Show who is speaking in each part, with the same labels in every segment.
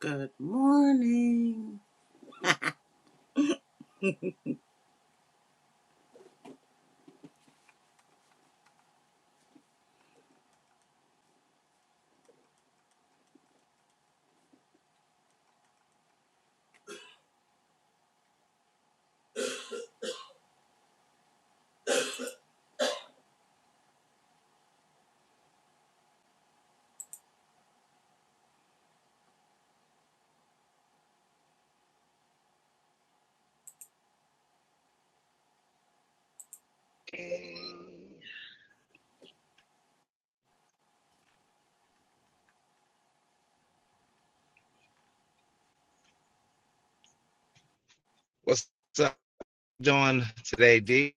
Speaker 1: Good morning.
Speaker 2: What's up, doing today, D?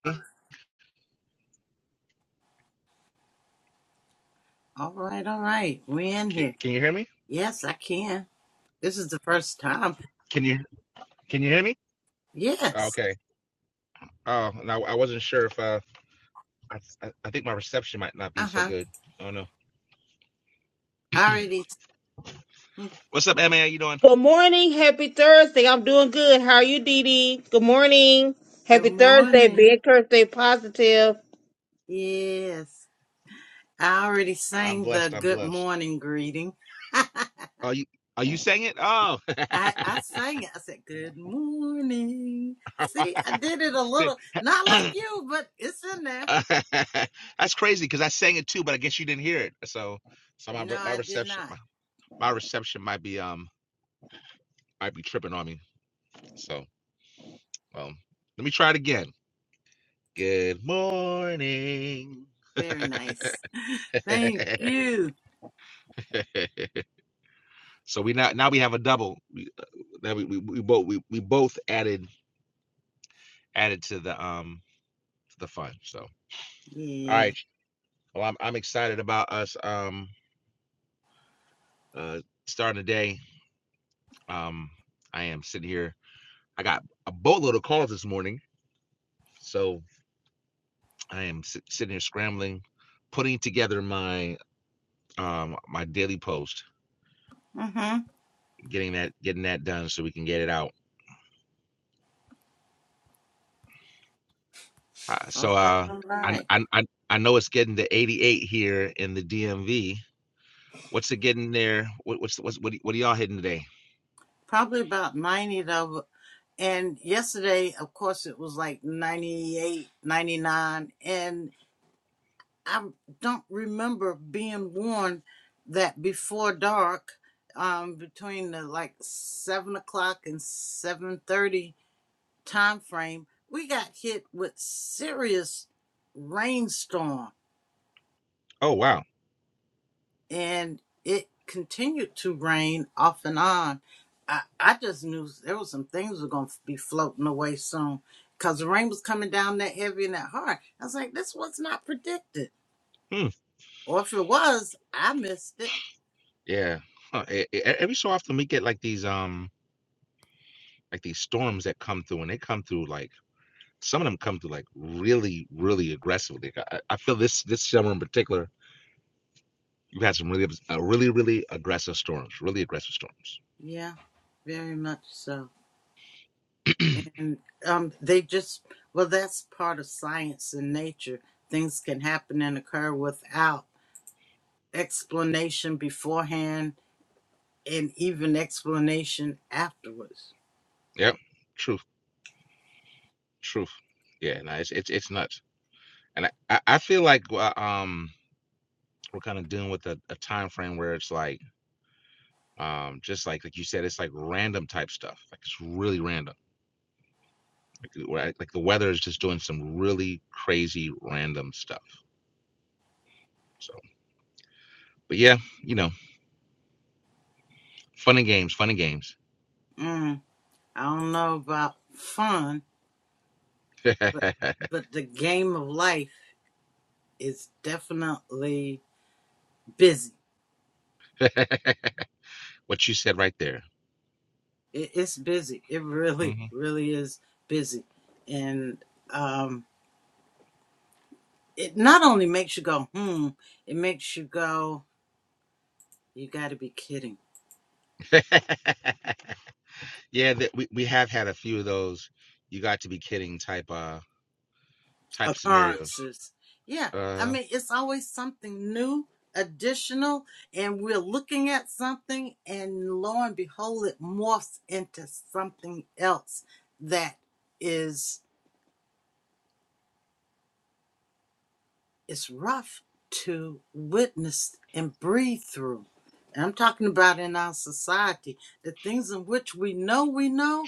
Speaker 1: All right, all right. We're in
Speaker 2: C-
Speaker 1: here.
Speaker 2: Can you hear me?
Speaker 1: Yes, I can. This is the first time.
Speaker 2: Can you can you hear me? Oh,
Speaker 1: Yes.
Speaker 2: okay. Oh, and I, I wasn't sure if uh, I, I I think my reception might not be
Speaker 1: Uh
Speaker 2: so
Speaker 1: huh.
Speaker 2: good. I don't know.
Speaker 1: I already.
Speaker 2: What's up, Emma? How you doing?
Speaker 3: Good morning. Happy Thursday. I'm doing good. How are you, Dee Dee? Good morning.
Speaker 1: Good
Speaker 3: Happy Thursday. Be
Speaker 1: morning.
Speaker 3: encouraged. Stay positive.
Speaker 1: Yes. I already
Speaker 2: I'm
Speaker 1: sang the
Speaker 2: blessed. I'm
Speaker 1: good
Speaker 2: blessed.
Speaker 1: morning greeting.
Speaker 2: Are you are you saying it? Oh,
Speaker 1: I, I sang it. I said, Good morning. See, I did it a little, not like you, but it's in there.
Speaker 2: that's crazy because I sang it too, but I guess you didn't hear it. So so my
Speaker 1: No,
Speaker 2: my
Speaker 1: I did
Speaker 2: reception
Speaker 1: not.
Speaker 2: my, my reception might be um might be tripping on me. So um let me try it again. Good morning.
Speaker 1: Very nice. Thank you.
Speaker 2: so we now now we have a double. We, now we, we, we both we, we both added added to the um to the fun. So all
Speaker 1: Yeah.
Speaker 2: right. Well, I'm I'm excited about us um uh starting the day. Um, I am sitting here. I got a boatload of calls this morning, so I am sit, sitting here scrambling, putting together my um my daily post,
Speaker 1: Mm-hmm.
Speaker 2: getting that getting that done so we can get it out Uh, so
Speaker 1: All right,
Speaker 2: uh,
Speaker 1: all
Speaker 2: I,
Speaker 1: right.
Speaker 2: I I know it's getting to 88 here in the DMV. What's it getting there? What, what's what's what, what are y'all hitting today?
Speaker 1: probably about 90 of 'em. And yesterday, of course, it was like 98, 99. And I don't remember being warned that before dark, um, between the like seven o'clock and 7.30 time frame, we got hit with serious rainstorms
Speaker 2: Oh wow.
Speaker 1: and it continued to rain off and on. I, I just knew there was some things were gonna be floating away soon because the rain was coming down that heavy and that hard. I was like, this was not predicted,
Speaker 2: Hmm.
Speaker 1: or if it was, I missed it.
Speaker 2: Yeah. Huh, e- e- e, Every so often we get like these um like these storms that come through and they come through like some of them come through like really really aggressively. Like, I, I feel this this summer in particular you've had some really abs- uh, really really aggressive storms, really aggressive storms.
Speaker 1: Yeah, very much so. And um, they just well, that's part of science and nature. Things can happen and occur without explanation beforehand and even explanation afterwards.
Speaker 2: Yep. Truth. Truth. Yeah. No, it's it's it's nuts. And I, I I feel like uh, um we're kind of dealing with a, a time frame where it's like um just like like you said it's like random type stuff like it's really random like, the- where I- like the weather is just doing some really crazy random stuff so but yeah you know fun and games fun and games
Speaker 1: Mm. I don't know about fun, but but the game of life is definitely busy.
Speaker 2: what you said right there
Speaker 1: It, it's busy. It really,
Speaker 2: Mhm.
Speaker 1: really is busy, and um, it not only makes you go hmm, it makes you go, you got to be kidding.
Speaker 2: yeah that we, we have had a few of those you got to be kidding type uh type scenarios
Speaker 1: occurrences. Yeah, I
Speaker 2: uh
Speaker 1: mean, it's always something new, additional, and we're looking at something, and lo and behold, it morphs into something else that is is rough to witness and breathe through. And I'm talking about in our society, the things in which we know we know,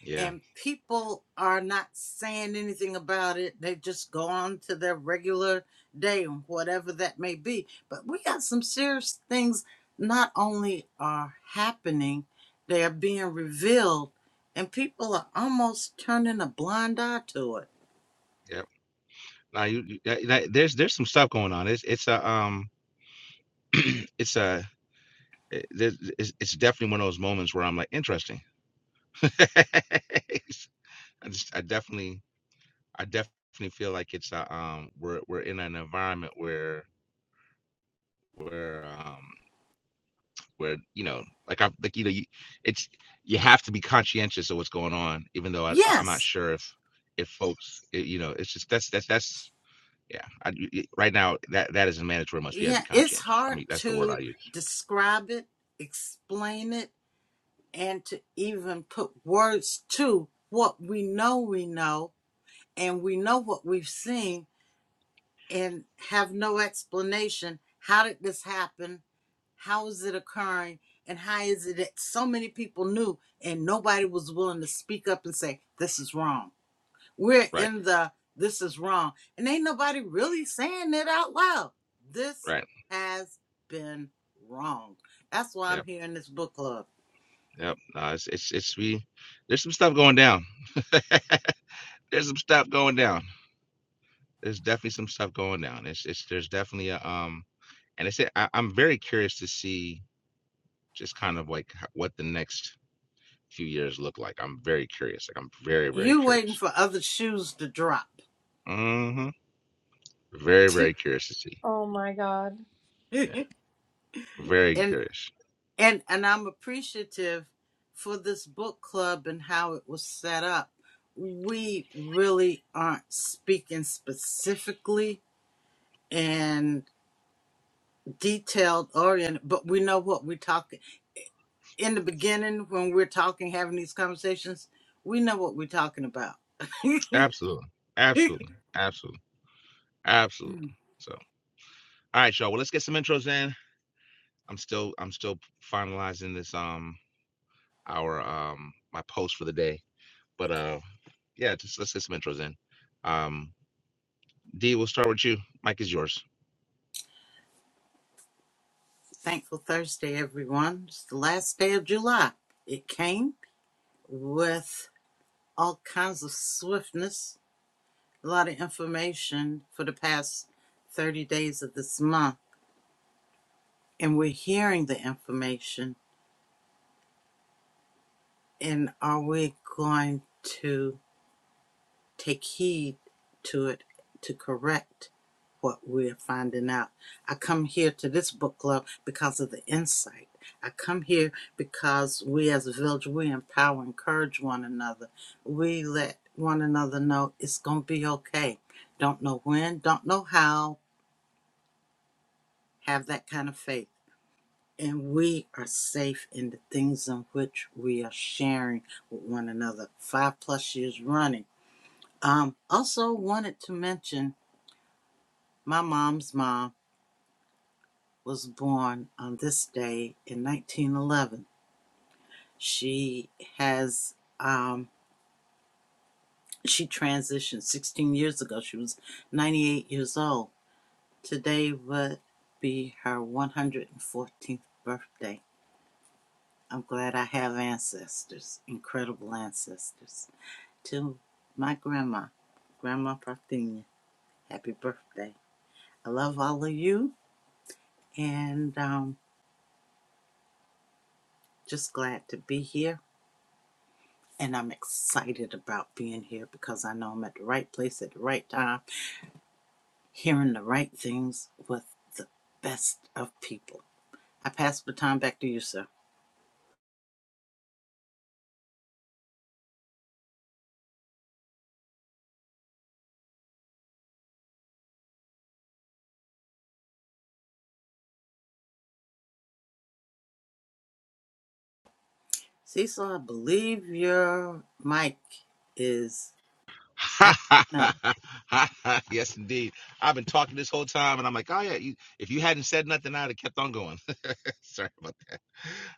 Speaker 2: yeah
Speaker 1: and people are not saying anything about it. They just go on to their regular day and whatever that may be. But we got some serious things not only are happening, they are being revealed, and people are almost turning a blind eye to it.
Speaker 2: yeah now you, you that, that- there's there's some stuff going on it's it's a um it's a it, it's, it's definitely one of those moments where I'm like, interesting. I just, I definitely, I definitely feel like it's a, um, we're we're in an environment where where um where you know, like I like you know, you, it's you have to be conscientious of what's going on, even though I, I- am not
Speaker 1: Yes,
Speaker 2: sure if if folks, i- you know, it's just that's that's that's yeah. I, y- y- right now, that that is a mandatory must. We have to
Speaker 1: yeah,
Speaker 2: be
Speaker 1: it's
Speaker 2: conscientious. I
Speaker 1: hard
Speaker 2: mean, that's the word I
Speaker 1: to
Speaker 2: use.
Speaker 1: describe it, explain it, and to even put words to what we know we know and we know what we've seen and have no explanation. How did this happen? How is it occurring? And how is it that so many people knew and nobody was willing to speak up and say, this is wrong? We're
Speaker 2: Right,
Speaker 1: in the this is wrong. And ain't nobody really saying it out loud. This
Speaker 2: right.
Speaker 1: has been wrong. That's why I'm
Speaker 2: Yep,
Speaker 1: here in this book club.
Speaker 2: yep. No, it's it's it's we. There's some stuff going down there's some stuff going down. There's definitely some stuff going down. It's it's there's definitely a um and it's I, I'm very curious to see just kind of like h- what the next few years look like. I'm very curious. Like I'm very very
Speaker 1: You waiting
Speaker 2: curious.
Speaker 1: for other shoes to drop.
Speaker 2: Mm-hmm. Very very curious to see.
Speaker 4: Oh my God.
Speaker 2: Yeah,
Speaker 1: and
Speaker 2: very curious.
Speaker 1: And and I'm appreciative for this book club and how it was set up. We really aren't speaking specifically and detailed oriented, but we know what we're talking in the beginning when we're talking, having these conversations, we know what we're talking about.
Speaker 2: Absolutely, absolutely, absolutely, absolutely. So all right, y'all. Well, let's get some intros in. I'm still I'm still finalizing this um our um my post for the day, but uh yeah, just let's get some intros in. Um, D, we'll start with you. Mike is yours.
Speaker 1: Thankful Thursday, everyone. It's the last day of July. It came with all kinds of swiftness a lot of information for the past 30 days of this month, and we're hearing the information. And are we going to take heed to it to correct what we're finding out? I come here to this book club because of the insight. I come here because we as a village, we empower, encourage one another. We let one another know it's going to be okay. Don't know when, don't know how, have that kind of faith and we are safe in the things in which we are sharing with one another five plus years running um also wanted to mention my mom's mom was born on this day in 1911 she has um she transitioned 16 years ago she was 98 years old today would be her 114th birthday i'm glad i have ancestors incredible ancestors to my grandma, Grandma Parthenia. Happy birthday. I love all of you and um, just glad to be here. And I'm excited about being here because I know I'm at the right place at the right time, hearing the right things with the best of people. I pass the time back to you, sir. Cecil, I believe your mic is acting up.
Speaker 2: yes, indeed. I've been talking this whole time, and I'm like, oh yeah. You, if you hadn't said nothing, I'd have kept on going. Sorry about that.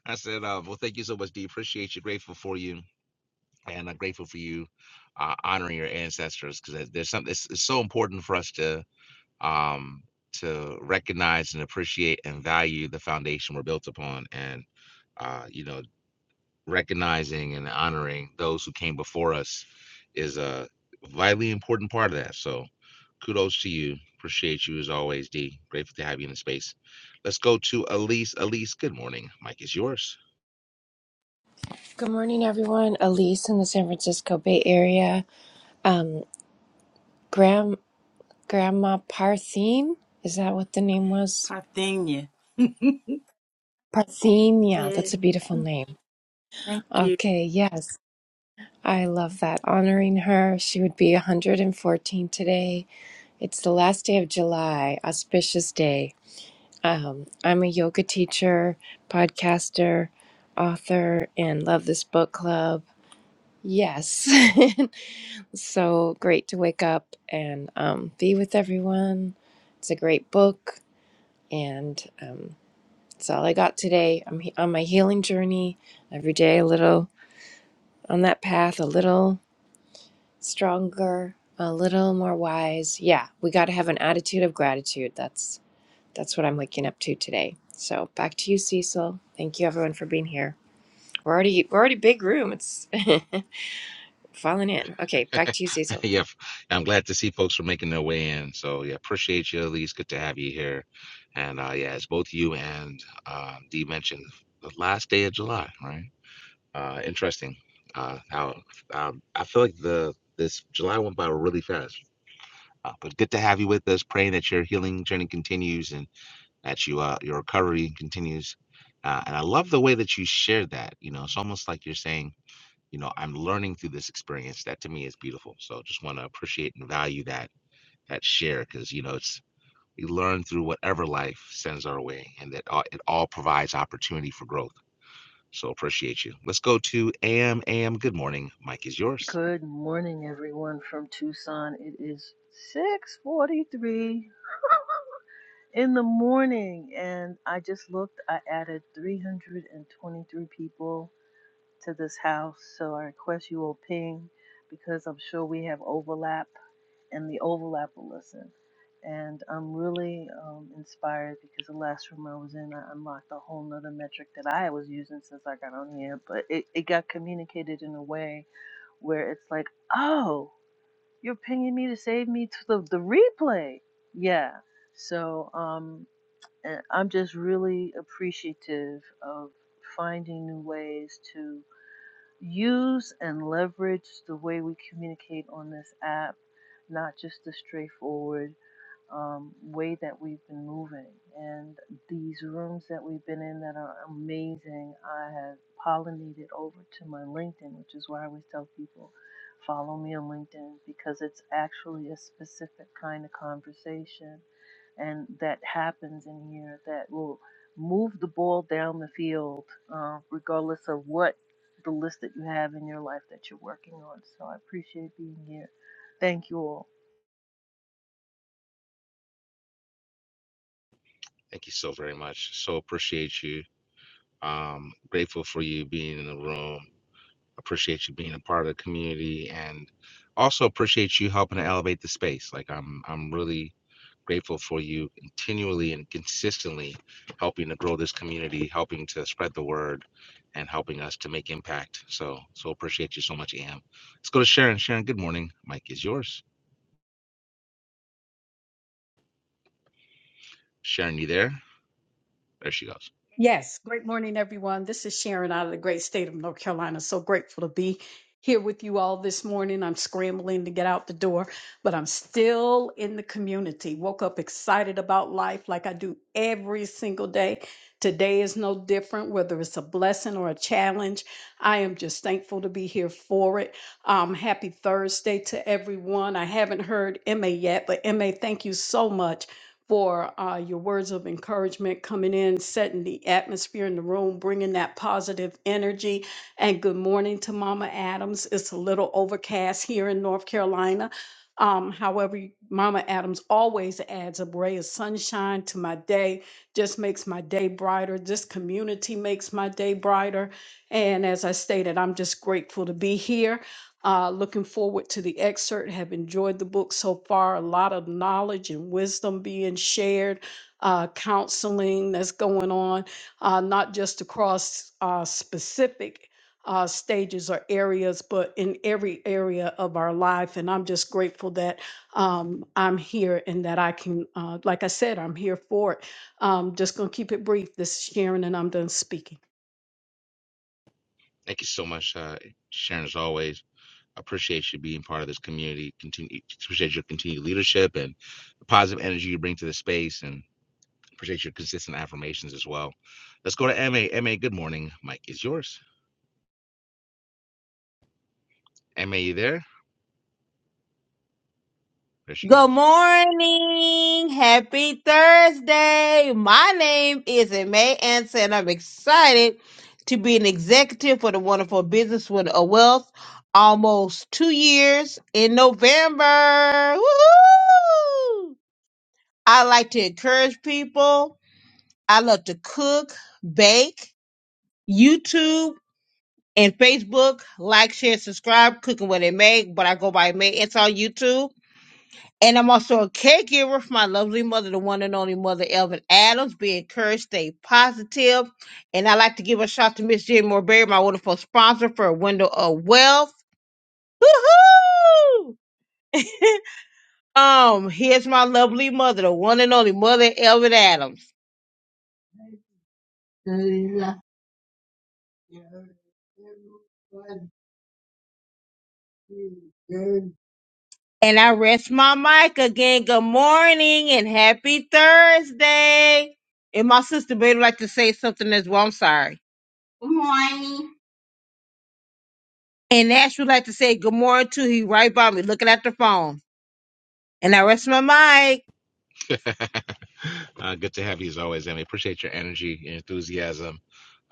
Speaker 2: I said, uh, well, thank you so much, D. Appreciate you. Grateful for you, and I'm grateful for you uh, honoring your ancestors because there's something. It's, it's so important for us to um to recognize and appreciate and value the foundation we're built upon, and uh, you know, recognizing and honoring those who came before us is a vitally important part of that. So kudos to you. Appreciate you as always, D. Grateful to have you in the space. Let's go to Elise. Elise, good morning. Mike is yours.
Speaker 4: Good morning, everyone. Elise in the San Francisco Bay Area. Um, Gram Grandma Parthene. Is that what the name was?
Speaker 1: Parthenia.
Speaker 4: Parthene. Yeah,
Speaker 1: Yeah,
Speaker 4: that's a beautiful name.
Speaker 1: thank you.
Speaker 4: Okay. Yes. I love that. Honoring her. She would be 114 today. It's the last day of July, auspicious day. Um, I'm a yoga teacher, podcaster, author, and love this book club. Yes. so great to wake up and um, be with everyone. It's a great book, and um, it's all I got today. I'm he- on my healing journey every day, a little on that path, a little stronger, a little more wise. Yeah, we got to have an attitude of gratitude. That's that's what I'm waking up to today. So back to you, Cecil. Thank you, everyone, for being here. We're already we're already big room. It's falling in. Okay, back to you, Cecil.
Speaker 2: yeah, I'm glad to see folks are making their way in. So yeah, appreciate you, Elise. Good to have you here. And uh, yeah, as both you and uh, D mentioned, the last day of July, right? Uh, interesting. Uh, how um, I feel like the this July went by really fast Uh, but good to have you with us. Praying that your healing journey continues and that you uh, your recovery continues. Uh, and I love the way that you shared that. You know, it's almost like you're saying, you know, I'm learning through this experience. That to me is beautiful. So just want to appreciate and value that that share because you know it's we learn through whatever life sends our way, and that all, it all provides opportunity for growth. So appreciate you. Let's go to AM. AM. Good morning. Mike is yours.
Speaker 5: Good morning, everyone from Tucson. It is 6:43 in the morning, and I just looked. I added 323 people to this house, so I request you all ping because I'm sure we have overlap, and the overlap will listen. And I'm really um, inspired because the last room I was in, I unlocked a whole nother metric that I was using since I got on here, but it, it got communicated in a way where it's like, oh. You're pinging me to save me to the, the replay. Yeah. So um, and I'm just really appreciative of finding new ways to use and leverage the way we communicate on this app, not just the straightforward um, way that we've been moving. And these rooms that we've been in that are amazing, I have pollinated over to my LinkedIn, which is why I always tell people follow me on LinkedIn because it's actually a specific kind of conversation and that happens in here that will move the ball down the field, uh, regardless of what the list that you have in your life that you're working on. So I appreciate being here. Thank you all.
Speaker 2: Thank you so very much. So appreciate you Um, grateful for you being in the room. Appreciate you being a part of the community, and also appreciate you helping to elevate the space. Like I'm, I'm really grateful for you continually and consistently helping to grow this community, helping to spread the word, and helping us to make impact. So, so appreciate you so much, Am. Let's go to Sharon. Sharon, good morning. Mike is yours. Sharon, you there? There she goes.
Speaker 6: Yes, great morning, everyone. This is Sharon out of the great state of North Carolina. So grateful to be here with you all this morning. I'm scrambling to get out the door, but I'm still in the community. Woke up excited about life like I do every single day. Today is no different, whether it's a blessing or a challenge. I am just thankful to be here for it. Um, happy Thursday to everyone. I haven't heard Emma yet, but Emma, thank you so much for uh, your words of encouragement coming in, setting the atmosphere in the room, bringing that positive energy. And good morning to Mama Adams. It's a little overcast here in North Carolina. Um, however, Mama Adams always adds a ray of sunshine to my day, just makes my day brighter. This community makes my day brighter. And as I stated, I'm just grateful to be here. Uh, looking forward to the excerpt. Have enjoyed the book so far. A lot of knowledge and wisdom being shared. Uh, counseling that's going on, uh, not just across uh, specific uh, stages or areas, but in every area of our life. And I'm just grateful that um, I'm here and that I can, uh, like I said, I'm here for it. Um, just gonna keep it brief. This is Sharon, and I'm done speaking.
Speaker 2: Thank you so much, uh, Sharon, as always. appreciate you being part of this community. Continue appreciate your continued leadership and the positive energy you bring to the space, and appreciate your consistent affirmations as well. Let's go to M A M A. good morning. Mike is yours. Ma, you there? There she
Speaker 3: Good
Speaker 2: goes.
Speaker 3: morning. Happy Thursday. My name is May Anson, and I'm excited to be an executive for the wonderful business with a wealth almost two years in November. Woo! I like to encourage people. I love to cook, bake, YouTube. and Facebook. Like, share, subscribe, cooking what it make, but I go by May. It's on YouTube. And I'm also a caregiver for my lovely mother, the one and only mother, Elvin Adams. Be encouraged, stay positive. And I'd like to give a shout out to Miss Jenny Morberry, my wonderful sponsor for a window of wealth. Woohoo! um, here's my lovely mother, the one and only mother, Elvin Adams. And I rest my mic again. Good morning and happy Thursday. And my sister Betty would like to say something as well. I'm sorry. Good morning. And Nash would like to say good morning too. He right by me looking at the phone. And I rest my mic.
Speaker 2: uh, good to have you as always, Ma. Appreciate your energy, your enthusiasm,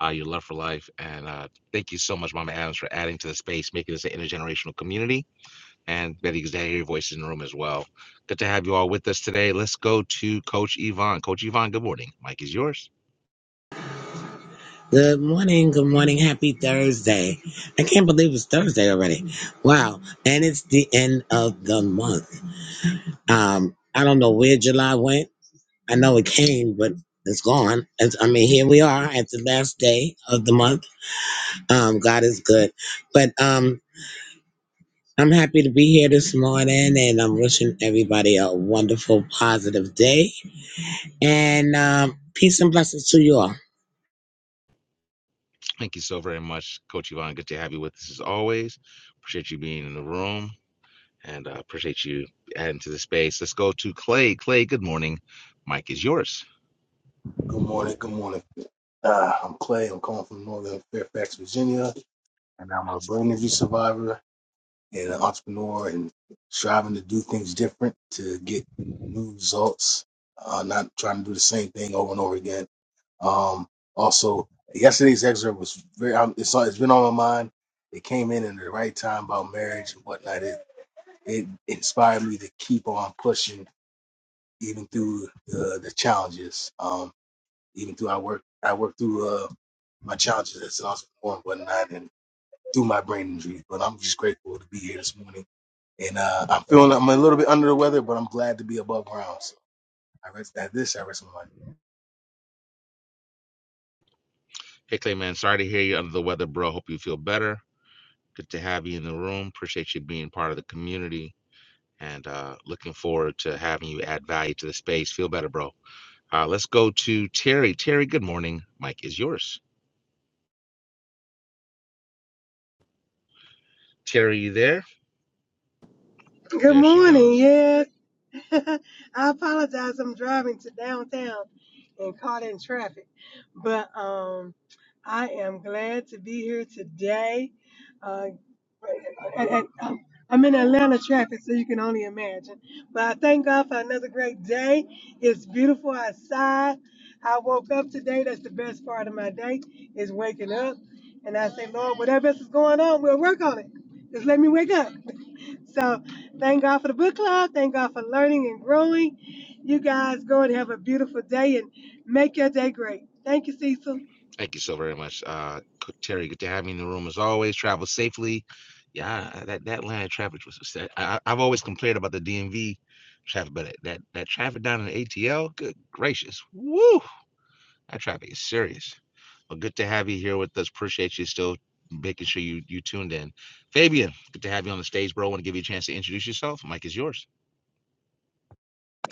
Speaker 2: uh, your love for life, and uh, thank you so much, Mama Adams, for adding to the space, making this an intergenerational community and we had the executive voices in the room as well. Good to have you all with us today. Let's go to Coach Yvonne. Coach Yvonne, good morning. Mike is yours.
Speaker 7: Good morning, good morning, happy Thursday. I can't believe it's Thursday already. Wow. And it's the end of the month. Um, I don't know where July went. I know it came, but it's gone. It's, I mean, here we are at the last day of the month. Um, God is good. But um I'm happy to be here this morning and I'm wishing everybody a wonderful, positive day. And um peace and blessings to you all.
Speaker 2: Thank you so very much, Coach Yvonne. Good to have you with us as always. Appreciate you being in the room and uh, appreciate you adding to the space. Let's go to Clay. Clay, good morning. Mike is yours.
Speaker 8: Good morning. Good morning. Uh, I'm Clay. I'm calling from Northern Fairfax, Virginia, and I'm a brain injury survivor and an entrepreneur and striving to do things different to get new results. Uh, not trying to do the same thing over and over again. Um, also, yesterday's excerpt was very. Um, it's, it's been on my mind. It came in at the right time about marriage and whatnot. It it inspired me to keep on pushing even through the, the challenges. Um, even through I work I work through uh my challenges at Sauce Before and whatnot and through my brain injury. But I'm just grateful to be here this morning. And uh I'm feeling I'm a little bit under the weather, but I'm glad to be above ground. So I rest at this, I rest my mind.
Speaker 2: Hey, Clay, man. Sorry to hear you under the weather, bro. Hope you feel better. Good to have you in the room. Appreciate you being part of the community and uh, looking forward to having you add value to the space. Feel better, bro. Uh, let's go to Terry. Terry, good morning. Mike is yours. Terry, you there?
Speaker 9: Good
Speaker 2: There she
Speaker 9: morning.
Speaker 2: goes.
Speaker 9: Yes, I apologize. I'm driving to downtown and caught in traffic, but um, I am glad to be here today. Uh, and- and, um, I'm in Atlanta traffic, so you can only imagine. But I thank God for another great day. It's beautiful outside. I woke up today. That's the best part of my day is waking up, and I say, Lord, whatever else is going on, we'll work on it. Just let me wake up so thank God for the book club. Thank God for learning and growing. You guys go and have a beautiful day and make your day great. Thank you, Cecil.
Speaker 2: Thank you so very much, uh, Co- Terry. Good to have you in the room as always. Travel safely. Yeah, uh, that that line of traffic was. That, I, I- I've always complained about the DMV traffic, but that that traffic down in the ATL. Good gracious, woo! I try to be serious. Well, good to have you here with us. Appreciate you still making sure you you tuned in. Fabian, good to have you on the stage, bro. Want to give you a chance to introduce yourself. Mike is yours.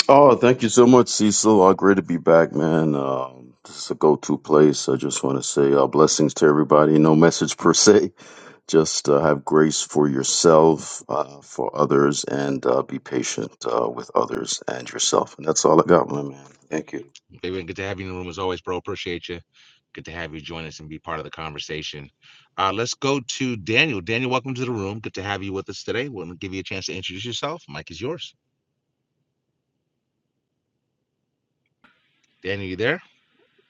Speaker 10: Oh, thank you so much, Cecil. Uh, great to be back, man. Um, this is a go-to place. I just want to say uh, blessings to everybody. No message per se. Just uh, have grace for yourself, uh, for others, and uh, be patient uh, with others and yourself. And that's all I got, my man. Thank you.
Speaker 2: Fabian, good to have you in the room as always, bro. Appreciate you. Good to have you join us and be part of the conversation. Uh, let's go to Daniel. Daniel, welcome to the room. Good to have you with us today. We'll give you a chance to introduce yourself. Mike is yours. Daniel, you there?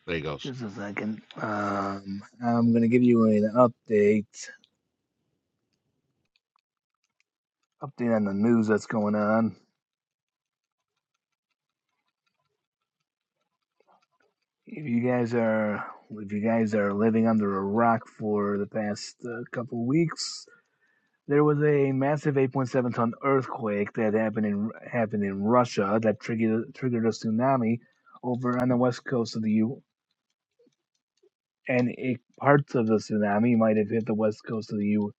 Speaker 2: There he goes.
Speaker 11: Just a second. Um, I'm gonna give you an update, update on the news that's going on. If you guys are, if you guys are living under a rock for the past uh, couple weeks, there was a massive 8.7 ton earthquake that happened in happened in Russia that triggered triggered a tsunami over on the west coast of the U. And it, parts of the tsunami might have hit the west coast of the U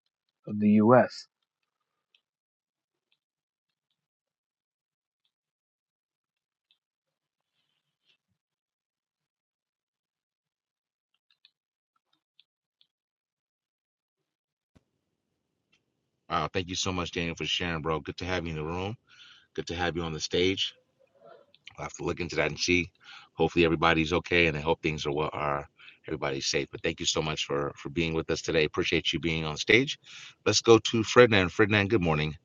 Speaker 11: of the U.S.
Speaker 2: Wow, thank you so much, Daniel, for sharing, bro. Good to have you in the room. Good to have you on the stage. I'll have to look into that and see. Hopefully everybody's okay and I hope things are well are everybody's safe. But thank you so much for for being with us today. Appreciate you being on stage. Let's go to Ferdinand. Ferdinand, good morning.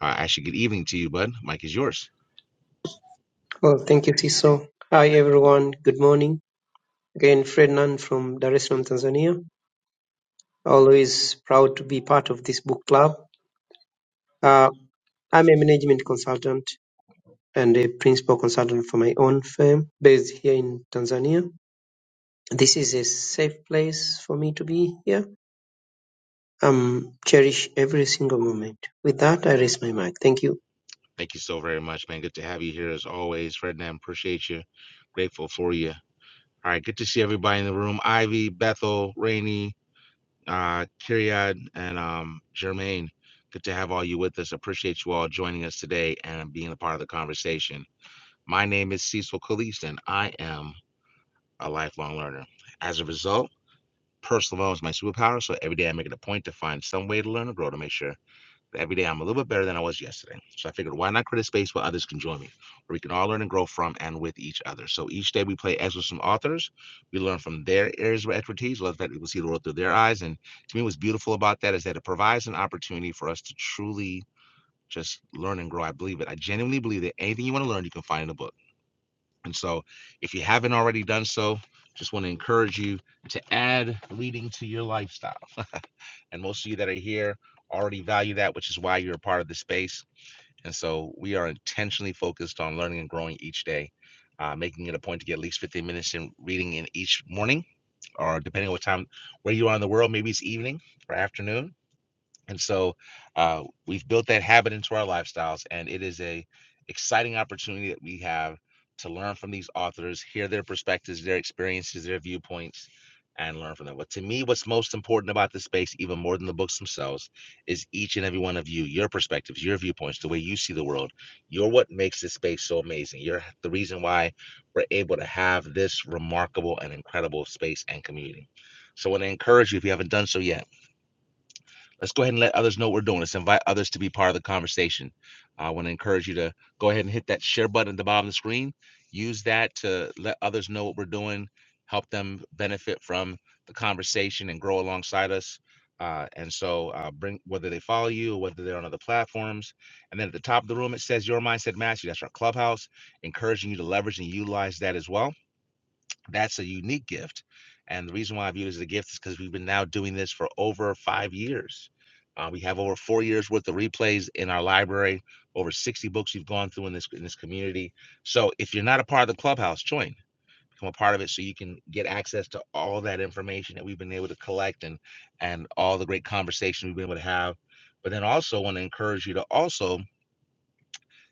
Speaker 2: Uh, actually, good evening to you, bud. Mike is yours.
Speaker 12: Well, thank you, Siso. Hi, everyone. Good morning. Again, Frednan from Dar es Salaam, Tanzania. Always proud to be part of this book club. Uh, I'm a management consultant and a principal consultant for my own firm based here in Tanzania. This is a safe place for me to be here. Um, cherish every single moment. With that, I raise my mic. Thank you.
Speaker 2: Thank you so very much, man. Good to have you here as always. Ferdinand, appreciate you. Grateful for you. All right, good to see everybody in the room. Ivy, Bethel, Rainey, uh, Kiriad, and um, Jermaine. Good to have all you with us. Appreciate you all joining us today and being a part of the conversation. My name is Cecil Caliste, and I am a lifelong learner. As a result, personal development is my superpower. So every day I make it a point to find some way to learn or grow to make sure that every day I'm a little bit better than I was yesterday. So I figured, why not create a space where others can join me, where we can all learn and grow from and with each other. So each day we play as with some authors. We learn from their areas of expertise, let that we see the world through their eyes. And to me, what's beautiful about that is that it provides an opportunity for us to truly just learn and grow. I believe it. I genuinely believe that anything you want to learn, you can find in a book. And so, if you haven't already done so, just want to encourage you to add reading to your lifestyle. and most of you that are here already value that, which is why you're a part of the space. And so, we are intentionally focused on learning and growing each day, uh, making it a point to get at least 15 minutes in reading in each morning, or depending on what time, where you are in the world, maybe it's evening or afternoon and so uh, we've built that habit into our lifestyles, and it is a exciting opportunity that we have to learn from these authors, hear their perspectives, their experiences, their viewpoints, and learn from them. But to me, what's most important about this space, even more than the books themselves, is each and every one of you, your perspectives, your viewpoints, the way you see the world. You're what makes this space so amazing. You're the reason why we're able to have this remarkable and incredible space and community. So I want to encourage you, if you haven't done so yet, let's go ahead and let others know what we're doing. Let's invite others to be part of the conversation. I want to encourage you to go ahead and hit that share button at the bottom of the screen. Use that to let others know what we're doing, help them benefit from the conversation and grow alongside us. Uh, and so, uh, bring whether they follow you or whether they're on other platforms. And then at the top of the room, it says Your Mindset Mastery. That's our clubhouse, encouraging you to leverage and utilize that as well that's a unique gift. And the reason why I view it as a gift is because we've been now doing this for over five years. Uh, we have over four years worth of replays in our library, over 60 books you've gone through in this in this community. So if you're not a part of the clubhouse, join, become a part of it so you can get access to all of that information that we've been able to collect and and all the great conversation we've been able to have. But then also want to encourage you to also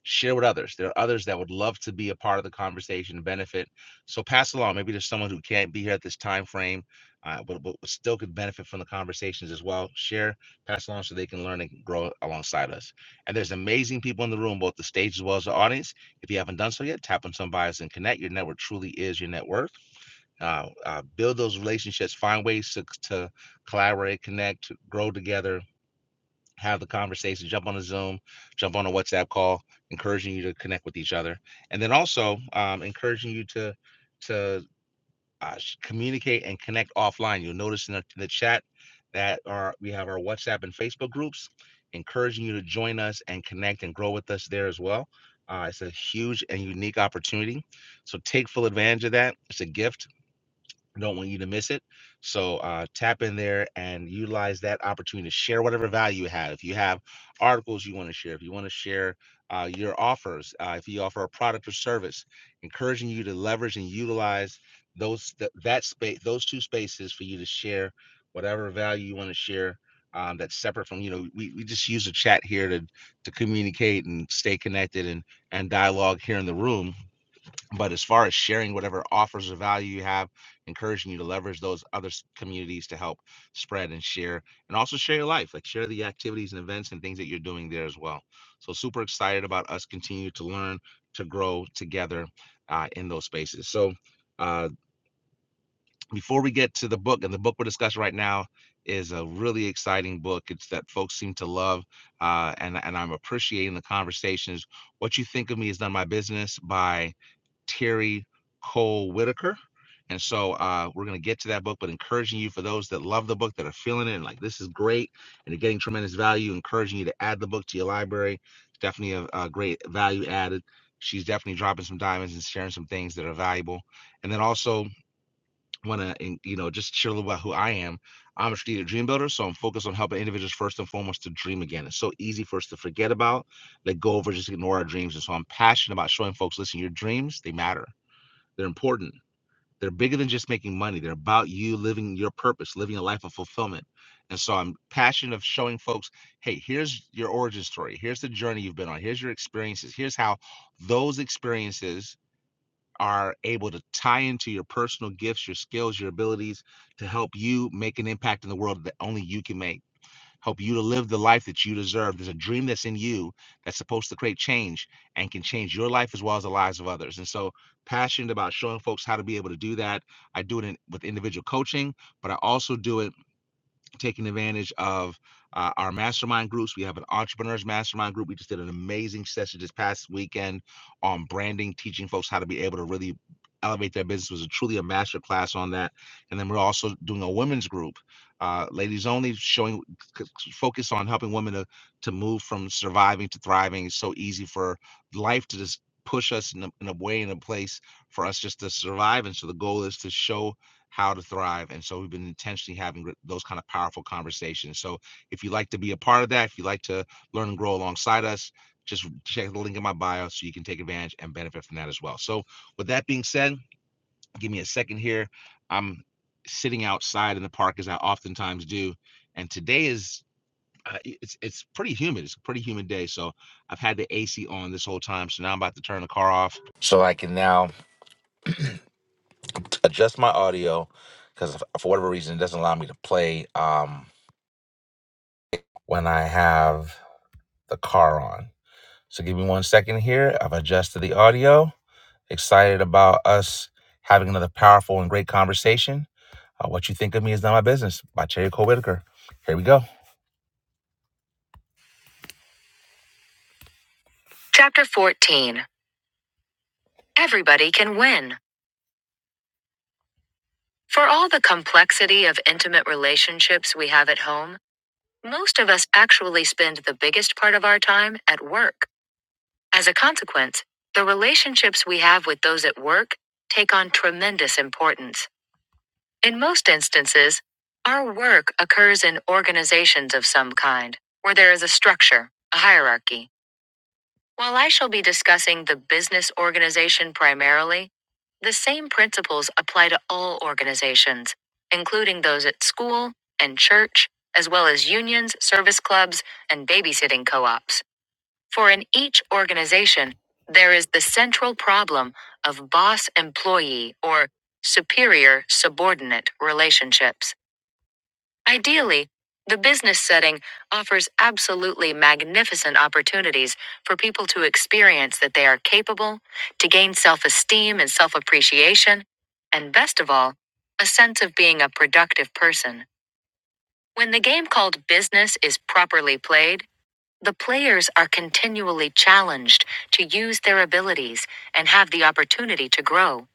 Speaker 2: share with others. There are others that would love to be a part of the conversation and benefit. So pass along. Maybe there's someone who can't be here at this time frame, uh, but, but still could benefit from the conversations as well. Share, pass along so they can learn and grow alongside us. And there's amazing people in the room, both the stage as well as the audience. If you haven't done so yet, tap on some bios and connect. Your network truly is your net worth. Uh, uh, build those relationships. Find ways to, to collaborate, connect, grow together have the conversation, jump on a Zoom, jump on a WhatsApp call, encouraging you to connect with each other, and then also um, encouraging you to to uh, communicate and connect offline. You'll notice in the, in the chat that our we have our WhatsApp and Facebook groups, encouraging you to join us and connect and grow with us there as well. Uh, it's a huge and unique opportunity, so take full advantage of that. It's a gift don't want you to miss it. So uh, tap in there and utilize that opportunity to share whatever value you have. If you have articles you want to share, if you want to share uh, your offers, uh, if you offer a product or service, encouraging you to leverage and utilize those th- that space, those two spaces for you to share whatever value you want to share. Um, that's separate from you know we, we just use the chat here to to communicate and stay connected and and dialogue here in the room but as far as sharing whatever offers or value you have, encouraging you to leverage those other s- communities to help spread and share, and also share your life, like share the activities and events and things that you're doing there as well. So, super excited about us continue to learn, to grow together uh, in those spaces. So, uh, before we get to the book, and the book we're discussing right now is a really exciting book. It's that folks seem to love, uh, and and I'm appreciating the conversations. What you think of me has done my business by Terry Cole Whitaker. And so uh, we're going to get to that book, but encouraging you for those that love the book, that are feeling it, and like this is great, and are getting tremendous value, encouraging you to add the book to your library. It's definitely a, a great value added. She's definitely dropping some diamonds and sharing some things that are valuable. And then also want to, you know, just share a little about who I am. I'm a strategic dream builder, so I'm focused on helping individuals first and foremost to dream again. It's so easy for us to forget about, let go of, or just ignore our dreams. And so I'm passionate about showing folks, listen, your dreams, they matter they're important. They're bigger than just making money. They're about you living your purpose, living a life of fulfillment. And so I'm passionate of showing folks, hey, here's your origin story. Here's the journey you've been on. Here's your experiences. Here's how those experiences are able to tie into your personal gifts, your skills, your abilities to help you make an impact in the world that only you can make help you to live the life that you deserve. There's a dream that's in you that's supposed to create change and can change your life as well as the lives of others. And so, passionate about showing folks how to be able to do that. I do it in, with individual coaching, but I also do it taking advantage of uh, our mastermind groups. We have an entrepreneurs mastermind group. We just did an amazing session this past weekend on branding, teaching folks how to be able to really elevate their business. It was a, truly a master class on that. And then we're also doing a women's group, uh, ladies only, showing c- c- focus on helping women to to move from surviving to thriving. It's so easy for life to just push us in a, in a way in a place for us just to survive and so the goal is to show how to thrive. And so we've been intentionally having those kind of powerful conversations. So if you'd like to be a part of that, if you'd like to learn and grow alongside us, just check the link in my bio so you can take advantage and benefit from that as well. So with that being said, give me a second here. I'm sitting outside in the park as I oftentimes do, and today is uh, it's it's pretty humid. It's a pretty humid day, so I've had the AC on this whole time. So now I'm about to turn the car off so I can now adjust my audio because for whatever reason it doesn't allow me to play um when I have the car on. So give me one second here. I've adjusted the audio. Excited about us having another powerful and great conversation. Uh, what you think of me is not my business by Cherry Cole Whitaker. Here we go. Chapter 14 Everybody Can Win. For all the complexity of intimate relationships we have at home, most of us actually spend the biggest part of our time at work. As a consequence, the relationships we have with those at work take on tremendous importance. In most instances, our work occurs in organizations of some kind, where there is a structure, a hierarchy. While I shall be discussing the business organization primarily, the same principles apply to all organizations, including those at school and church, as well as unions, service clubs, and babysitting co ops. For in each organization, there is the central problem of boss employee or superior subordinate relationships. Ideally, the business setting offers absolutely magnificent opportunities for people to experience that they are capable, to gain self esteem and self appreciation, and best of all, a sense of being a productive person. When the game called business is properly played, the players are continually challenged to use their abilities and have the opportunity to grow.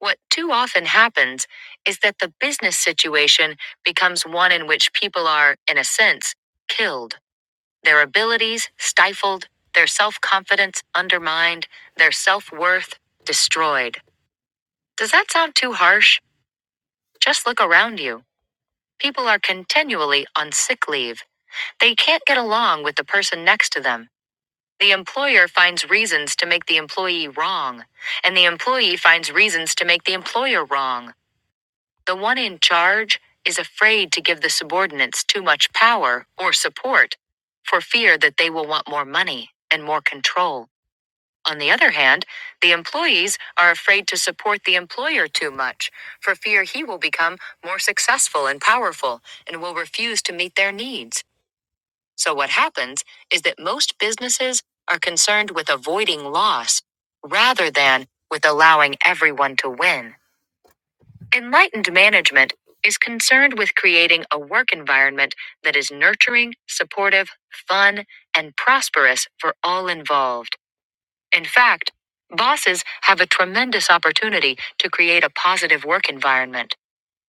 Speaker 2: What too often happens is that the business situation becomes one in which people are, in a sense, killed, their abilities stifled, their self confidence undermined, their self worth destroyed. Does that sound too harsh? Just look around you. People are continually on sick leave. They can't get along with the person next to them. The employer finds reasons to make the employee wrong, and the employee finds reasons to make the employer wrong. The one in charge is afraid to give the subordinates too much power or support for fear that they will want more money and more control. On the other hand, the employees are afraid to support the employer too much for fear he will become more successful and powerful and will refuse to meet their needs. So, what happens is that most businesses are concerned with avoiding loss rather than with allowing everyone to win. Enlightened management is concerned with creating a work environment that is nurturing, supportive, fun, and prosperous for all involved. In fact, bosses have a tremendous opportunity to create a positive work environment.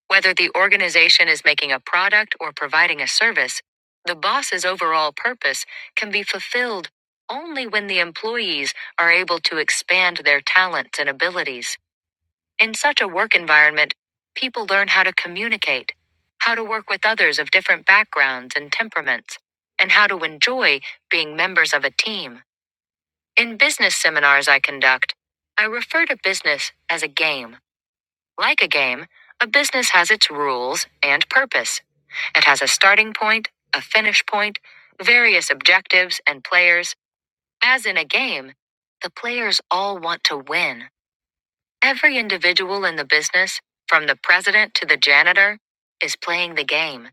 Speaker 2: Whether the organization is making a product or providing a service, the boss's overall purpose can be fulfilled only when the employees are able to expand their talents and abilities. In such a work environment, people learn how to communicate, how to work with others of different backgrounds and temperaments, and how to enjoy being members of a team. In business seminars I conduct, I refer to business as a game. Like a game, a business has its rules and purpose. It has a starting point, a finish point, various objectives, and players. As in a game, the players all want to win. Every individual in the business, from the president to the janitor, is playing the game.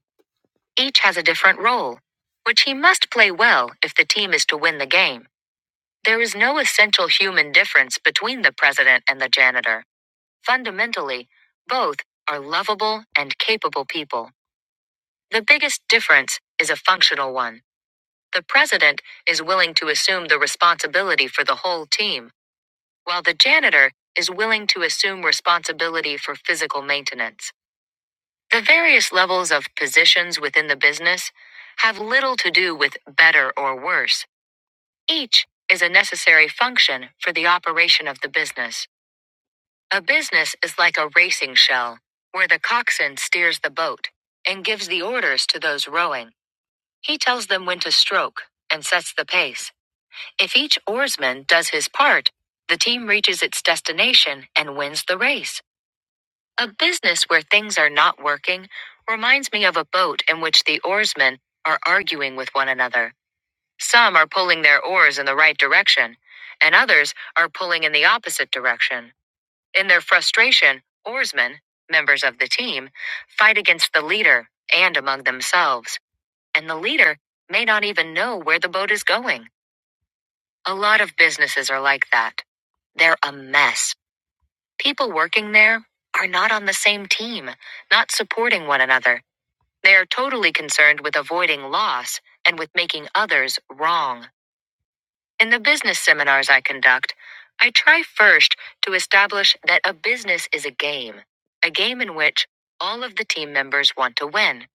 Speaker 2: Each has a different role, which he must play well if the team is to win the game. There is no essential human difference between the president and the janitor. Fundamentally, both are lovable and capable people. The biggest difference is a functional one. The president is willing to assume the responsibility for the whole team, while the janitor is willing to assume responsibility for physical maintenance. The various levels of positions within the business have little to do with better or worse. Each is a necessary function for the operation of the business. A business is like a racing shell, where the coxswain steers the boat and gives the orders to those rowing. He tells them when to stroke and sets the pace. If each oarsman does his part, the team reaches its destination and wins the race. A business where things are not working reminds me of a boat in which the oarsmen are arguing with one another. Some are pulling their oars in the right direction, and others are pulling in the opposite direction. In their frustration, oarsmen, members of the team, fight against the leader and among themselves, and the leader may not even know where the boat is going. A lot of businesses are like that. They're a mess. People working there are not on the same team, not supporting one another. They are totally concerned with avoiding loss and with making others wrong. In the business seminars I conduct, I try first to establish that a business is a game, a game in which all of the team members want to win.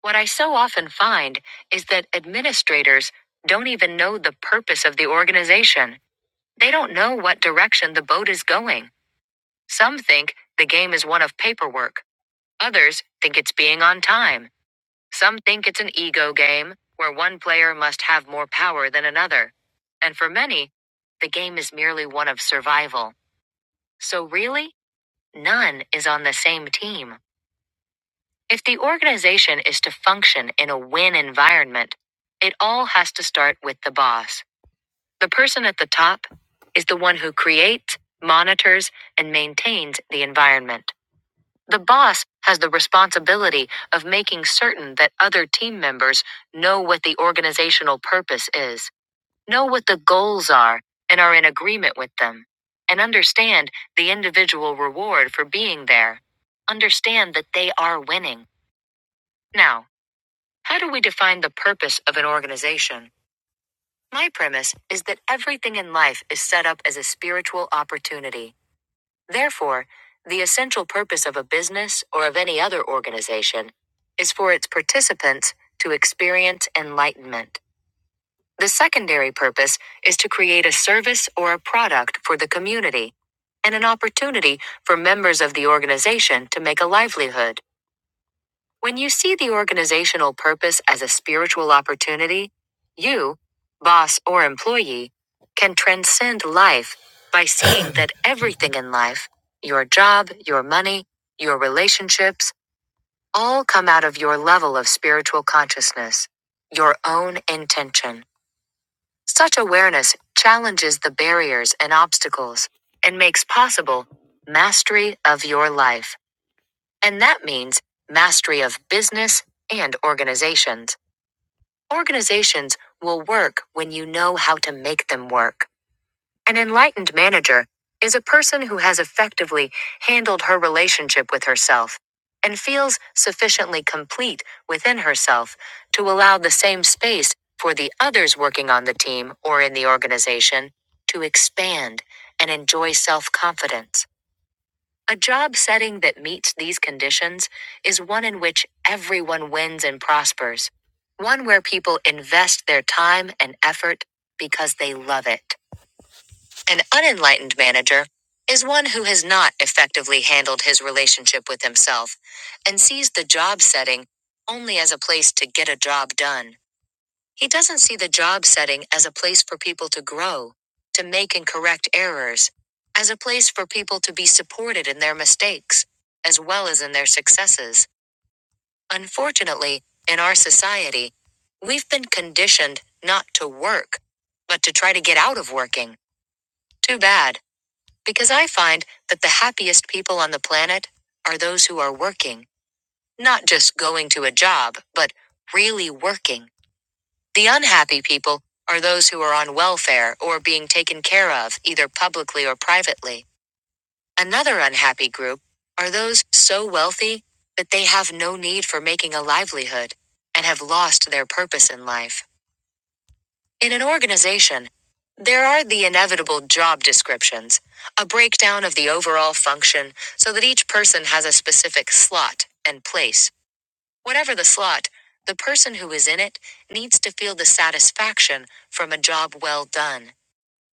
Speaker 2: What I so often find is that administrators don't even know the purpose of the organization. They don't know what direction the boat is going. Some think the game is one of paperwork, others think it's being on time. Some think it's an ego game, where one player must have more power than another. And for many, the game is merely one of survival. So, really, none is on the same team. If the organization is to function in a win environment, it all has to start with the boss. The person at the top is the one who creates, monitors, and maintains the environment. The boss has the responsibility of making certain that other team members know what the organizational purpose is, know what the goals are, and are in agreement with them, and understand the individual reward for being there. Understand that they are winning. Now, how do we define the purpose of an organization? My premise is that everything in life is set up as a spiritual opportunity. Therefore, the essential purpose of a business or of any other organization is for its participants to experience enlightenment. The secondary purpose is to create a service or a product for the community and an opportunity for members of the organization to make a livelihood. When you see the organizational purpose as a spiritual opportunity, you, boss or employee, can transcend life by seeing that everything in life, your job, your money, your relationships, all come out of your level of spiritual consciousness, your own intention. Such awareness challenges the barriers and obstacles and makes possible mastery of your life. And that means mastery of business and organizations. Organizations will work when you know how to make them work. An enlightened manager is a person who has effectively handled her relationship with herself and feels sufficiently complete within herself to allow the same space for the others working on the team or in the organization to expand and enjoy self confidence. A job setting that meets these conditions is one in which everyone wins and prospers, one where people invest their time and effort because they love it. An unenlightened manager is one who has not effectively handled his relationship with himself and sees the job setting only as a place to get a job done. He doesn't see the job setting as a place for people to grow, to make and correct errors, as a place for people to be supported in their mistakes, as well as in their successes. Unfortunately, in our society, we've been conditioned not to work, but to try to get out of working. Too bad, because I find that the happiest people on the planet are those who are working, not just going to a job, but really working. The unhappy people are those who are on welfare or being taken care of, either publicly or privately. Another unhappy group are those so wealthy that they have no need for making a livelihood and have lost their purpose in life. In an organization, there are the inevitable job descriptions, a breakdown of the overall function so that each person has a specific slot and place. Whatever the slot, the person who is in it needs to feel the satisfaction from a job well done.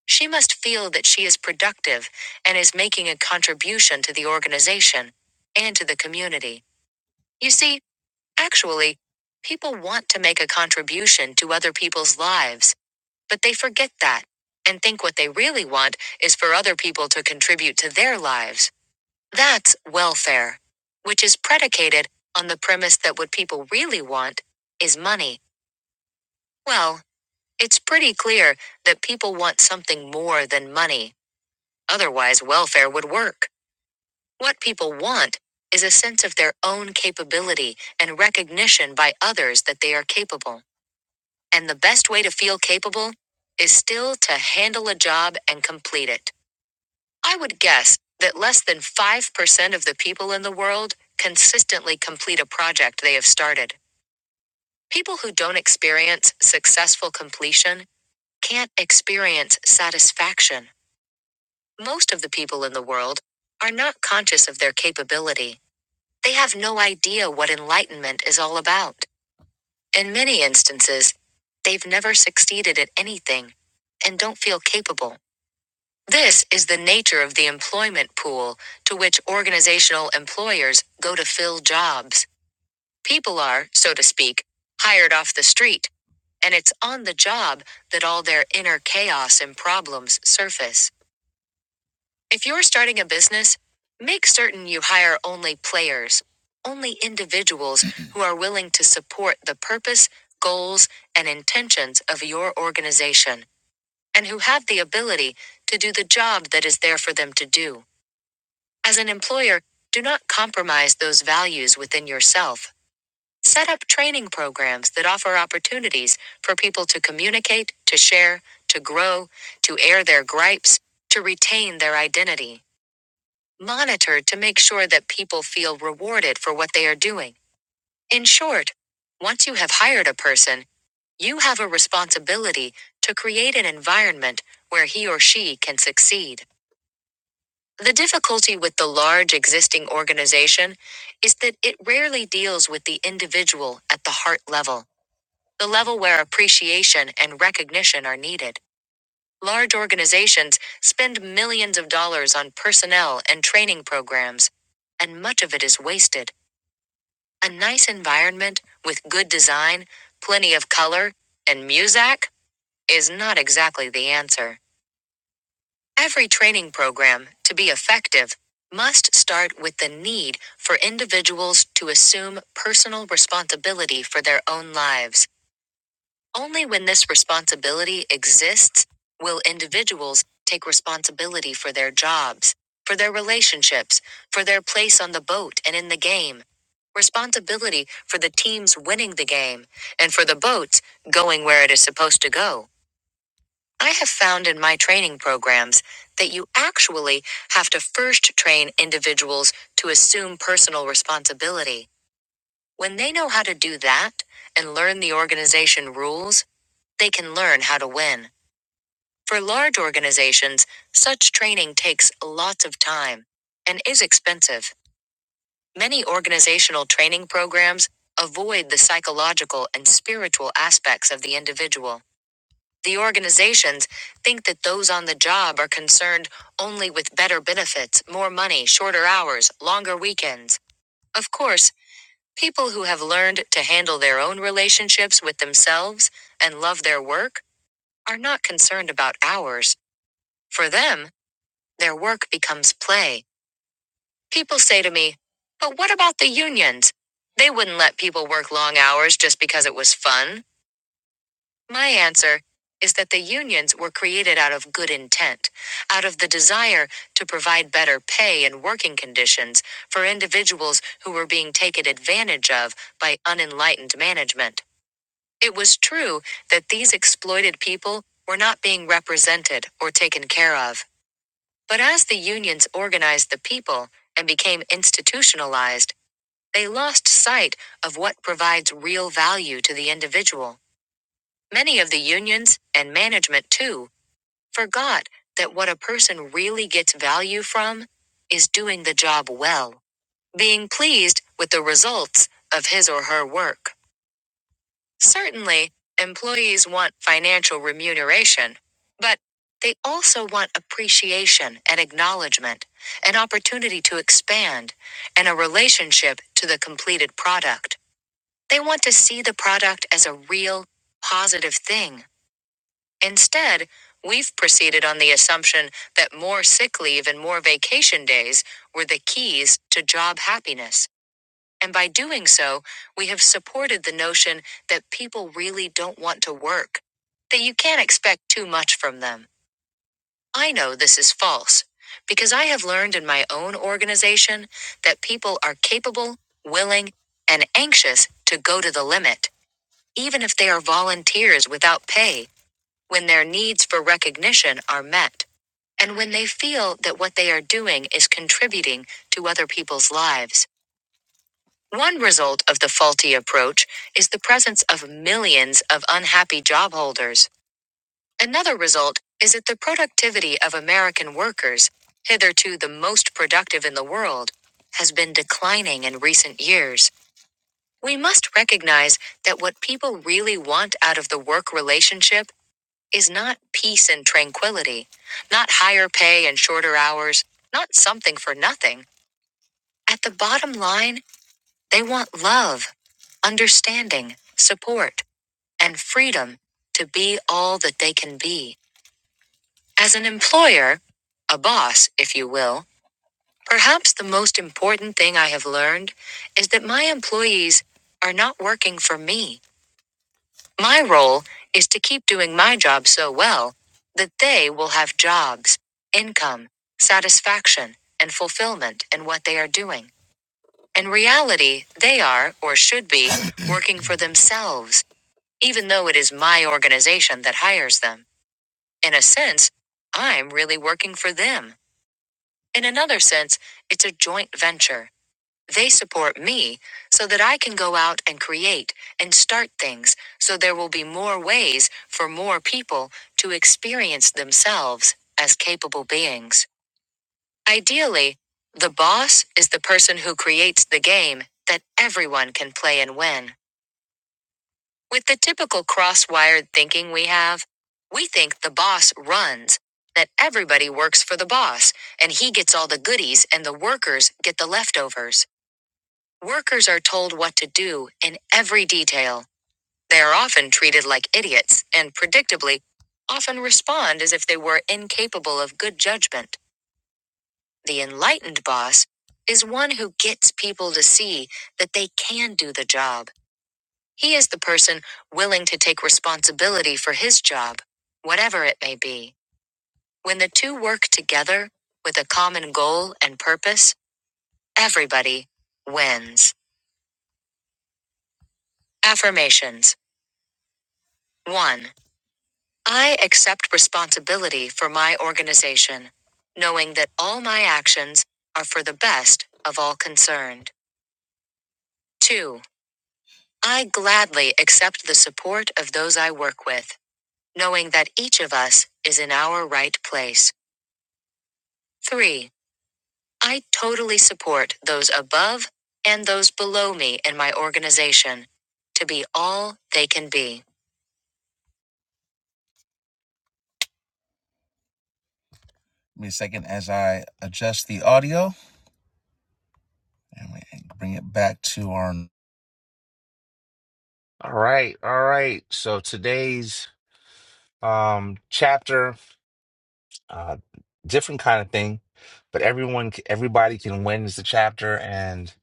Speaker 2: She must feel that she is productive and is making a contribution to the organization and to the community. You see, actually, people want to make a contribution to other people's lives, but they forget that and think what they really want is for other people to contribute to their lives. That's welfare, which is predicated on the premise that what people really want is money. Well, it's pretty clear that people want something more than money. Otherwise, welfare would work. What people want is a sense of their own capability and recognition by others that they are capable. And the best way to feel capable is still to handle a job and complete it. I would guess that less than 5% of the people in the world consistently complete a project they have started. People who don't experience successful completion can't experience satisfaction. Most of the people in the world are not conscious of their capability. They have no idea what enlightenment is all about. In many instances, they've never succeeded at anything and don't feel capable. This is the nature of the employment pool to which organizational employers go to fill jobs. People are, so to speak, hired off the street, and it's on the job that all their inner chaos and problems surface. If you're starting a business, make certain you hire only players, only individuals who are willing to support the purpose, goals, and intentions of your organization, and who have the ability to do the job that is there for them to do. As an employer, do not compromise those values within yourself. Set up training programs that offer opportunities for people to communicate, to share, to grow, to air their gripes, to retain their identity. Monitor to make sure that people feel rewarded for what they are doing. In short, once you have hired a person, you have a responsibility to create an environment where he or she can succeed. The difficulty with the large existing organization is that it rarely deals with the individual at the heart level, the level where appreciation and recognition are needed. Large organizations spend millions of dollars on personnel and training programs, and much of it is wasted. A nice environment with good design, plenty of color, and music is not exactly the answer. Every training program, to be effective, must start with the need for individuals to assume personal responsibility for their own lives. Only when this responsibility exists will individuals take responsibility for their jobs, for their relationships, for their place on the boat and in the game. Responsibility for the teams winning the game, and for the boats going where it is supposed to go. I have found in my training programs that you actually have to first train individuals to assume personal responsibility. When they know how to do that and learn the organization rules, they can learn how to win. For large organizations, such training takes lots of time and is expensive. Many organizational training programs avoid the psychological and spiritual aspects of the individual. The organizations think that those on the job are concerned only with better benefits, more money, shorter hours, longer weekends. Of course, people who have learned to handle their own relationships with themselves and love their work are not concerned about hours. For them, their work becomes play. People say to me, But what about the unions? They wouldn't let people work long hours just because it was fun. My answer is that the unions were created out of good intent, out of the desire to provide better pay and working conditions for individuals who were being taken advantage of by unenlightened management. It was true that these exploited people were not being represented or taken care of. But as the unions organized the people and became institutionalized, they lost sight of what provides real value to the individual. Many of the unions and management, too, forgot that what a person really gets value from is doing the job well, being pleased with the results of his or her work. Certainly, employees want financial remuneration, but they also want appreciation and acknowledgement, an opportunity to expand, and a relationship to the completed product. They want to see the product as a real, positive thing Instead, we've proceeded on the assumption that more sick leave and more vacation days were the keys to job happiness. And by doing so, we have supported the notion that people really don't want to work, that you can't expect too much from them. I know this is false, because I have learned in my own organization that people are capable, willing, and anxious to go to the limit, even if they are volunteers without pay when their needs for recognition are met, and when they feel that what they are doing is contributing to other people's lives. One result of the faulty approach is the presence of millions of unhappy job holders. Another result is that the productivity of American workers, hitherto the most productive in the world, has been declining in recent years. We must recognize that what people really want out of the work relationship is not peace and tranquility, not higher pay and shorter hours, not something for nothing. At the bottom line, they want love, understanding, support, and freedom to be all that they can be. As an employer, a boss, if you will, perhaps the most important thing I have learned is that my employees are not working for me. My role is to keep doing my job so well that they will have jobs, income, satisfaction, and fulfillment in what they are doing. In reality, they are, or should be, working for themselves, even though it is my organization that hires them. In a sense, I'm really working for them. In another sense, it's a joint venture. They support me so that I can go out and create and start things so there will be more ways for more people to experience themselves as capable beings. Ideally, the boss is the person who creates the game that everyone can play and win. With the typical cross wired thinking we have, we think the boss runs, that everybody works for the boss, and he gets all the goodies and the workers get the leftovers. Workers are told what to do in every detail. They are often treated like idiots and, predictably, often respond as if they were incapable of good judgment. The enlightened boss is one who gets people to see that they can do the job. He is the person willing to take responsibility for his job, whatever it may be. When the two work together with a common goal and purpose, everybody wins. Affirmations 1. I accept responsibility for my organization, knowing that all my actions are for the best of all concerned. 2. I gladly accept the support of those I work with, knowing that each of us is in our right place. 3. I totally support those above and those below me in my organization to be all they can be. Give me a second as I adjust the audio and we bring it back to our All right, all right. So today's um chapter, uh different kind of thing, but everyone c- everybody can win is the chapter and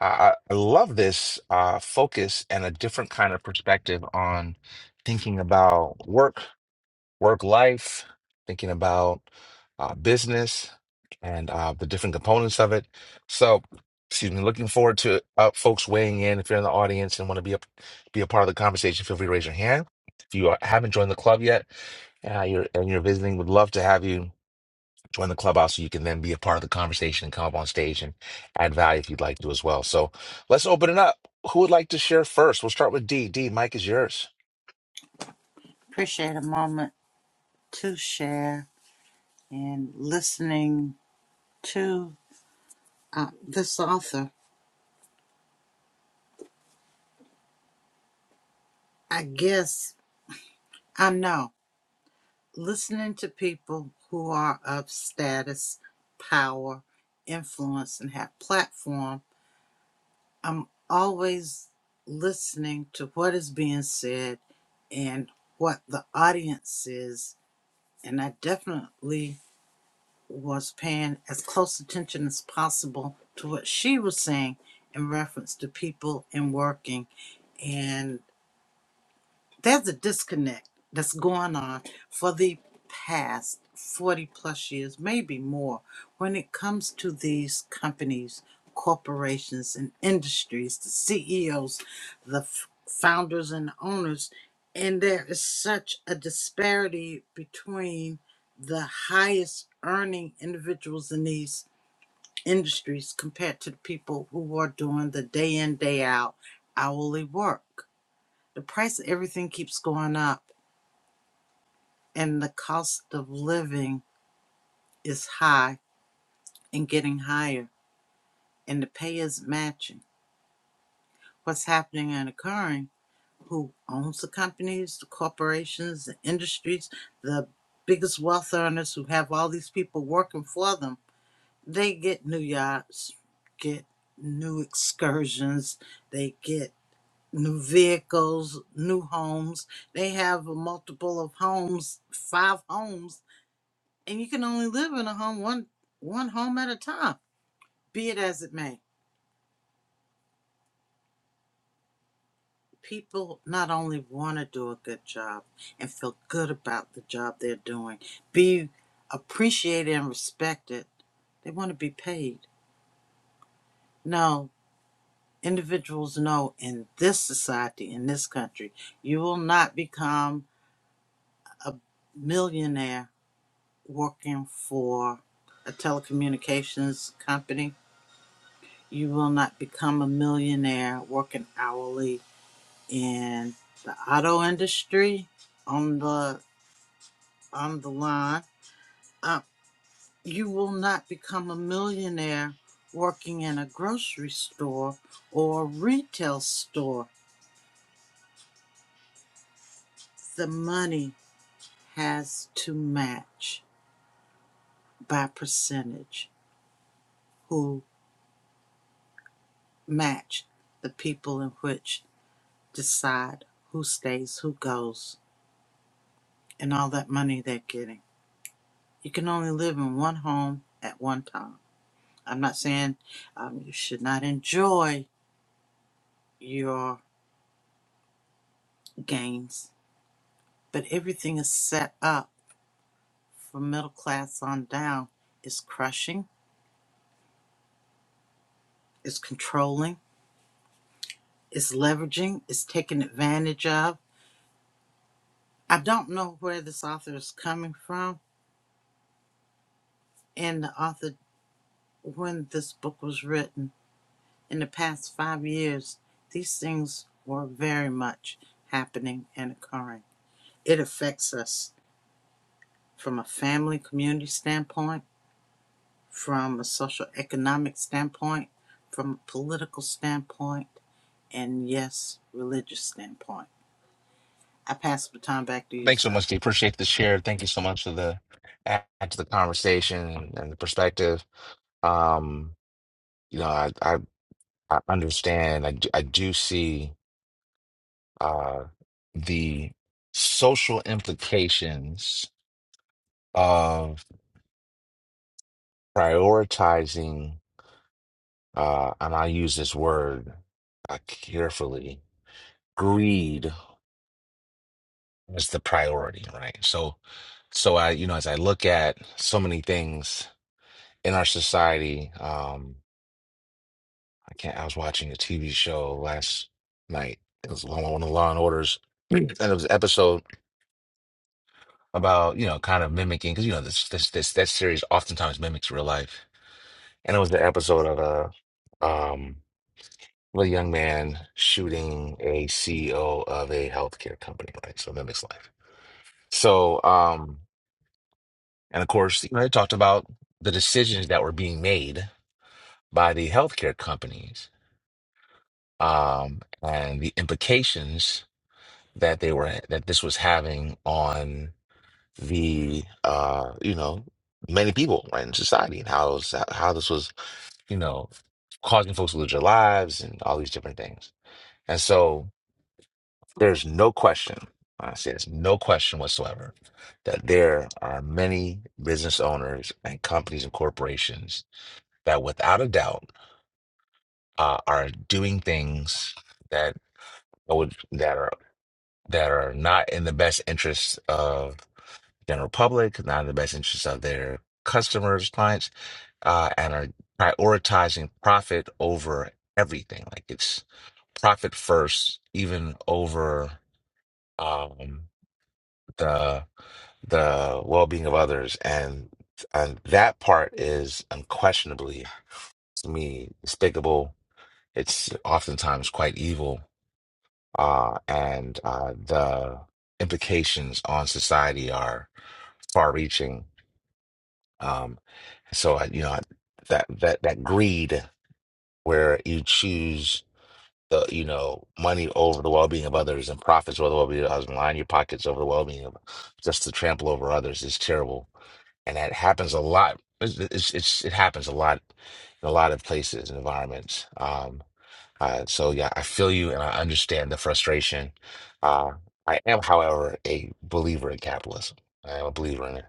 Speaker 2: I, I I love this uh focus and a different kind of perspective on thinking about work work life, thinking about uh, business and uh, the different components of it. So, excuse me, looking forward to uh, folks weighing in. If you're in the audience and want to be a, be a part of the conversation, feel free to raise your hand. If you are, haven't joined the club yet uh, you're, and you're visiting, would love to have you join the clubhouse so you can then be a part of the conversation and come up on stage and add value if you'd like to as well. So let's open it up. Who would like to share first? We'll start with D. D, Mike is yours.
Speaker 1: Appreciate a moment to share. and listening to uh, this author, I guess I know listening to people who are of status, power, influence, and have platform. I'm always listening to what is being said and what the audience is, and I definitely was paying as close attention as possible to what she was saying in reference to people and working. And there's a disconnect that's going on for the past 40 plus years, maybe more, when it comes to these companies, corporations, and industries, the CEOs, the f- founders, and owners. And there is such a disparity between the highest earning individuals in these industries compared to the people who are doing the day in, day out hourly work the price of everything keeps going up and the cost of living is high and getting higher and the pay is not matching what's happening and occurring who owns the companies the corporations the industries the biggest wealth earners who have all these people working for them they get new yachts get new excursions they get new vehicles new homes they have a multiple of homes five homes and you can only live in a home one one home at a time be it as it may people not only want to do a good job and feel good about the job they're doing be appreciated and respected they want to be paid no individuals know in this society in this country you will not become a millionaire working for a telecommunications company you will not become a millionaire working hourly And the auto industry on the on the line. Uh, you will not become a millionaire working in a grocery store or retail store. The money has to match by percentage who match the people in which decide who stays, who goes, and all that money they're getting. You can only live in one home at one time. I'm not saying um, you should not enjoy your gains, but everything is set up for middle class on down. It's crushing, it's controlling, it's leveraging, it's taken advantage of. I don't know where this author is coming from and the author when this book was written. In the past five years, these things were very much happening and occurring. It affects us from a family community standpoint from a social economic standpoint, from a political standpoint, and yes, religious standpoint. I pass the baton back to you,
Speaker 2: Thanks so
Speaker 1: sir.
Speaker 2: much, Dee. Appreciate the share. Thank you so much for the add to the conversation and the perspective. Um, you know, I I, I understand. I do, I do see uh, the social implications of prioritizing, uh, and I use this word uh, carefully. Greed as the priority, right? So, so I, you know, as I look at so many things in our society. Um, I can't. I was watching a TV show last night. It was one of the Law and Orders, and it was an episode about you know kind of mimicking because you know this this this that series oftentimes mimics real life. And it was the episode of a um a young man shooting a CEO of a healthcare company, right? So it mimics life. So um and of course you know they talked about the decisions that were being made by the healthcare companies um and the implications that they were that this was having on the uh you know many people right in society and how it was, how this was you know causing folks to lose their lives and all these different things and so there's no question I say there's no question whatsoever that there are many business owners and companies and corporations that without a doubt uh, are doing things that would that are that are not in the best interest of general public, not in the best interest of their customers, clients, uh, and are prioritizing profit over everything. Like it's profit first, even over um, the the well being of others, and and that part is unquestionably to me despicable. It's oftentimes quite evil uh, and uh, the implications on society are far-reaching. Um, so I, you know, that that that greed where you choose the you know money over the well-being of others and profits over the well-being of others and line your pockets over the well-being of just to trample over others is terrible and that happens a lot it's, it's, it's it happens a lot in a lot of places and environments um uh so yeah I feel you and I understand the frustration uh I am however a believer in capitalism I am a believer in it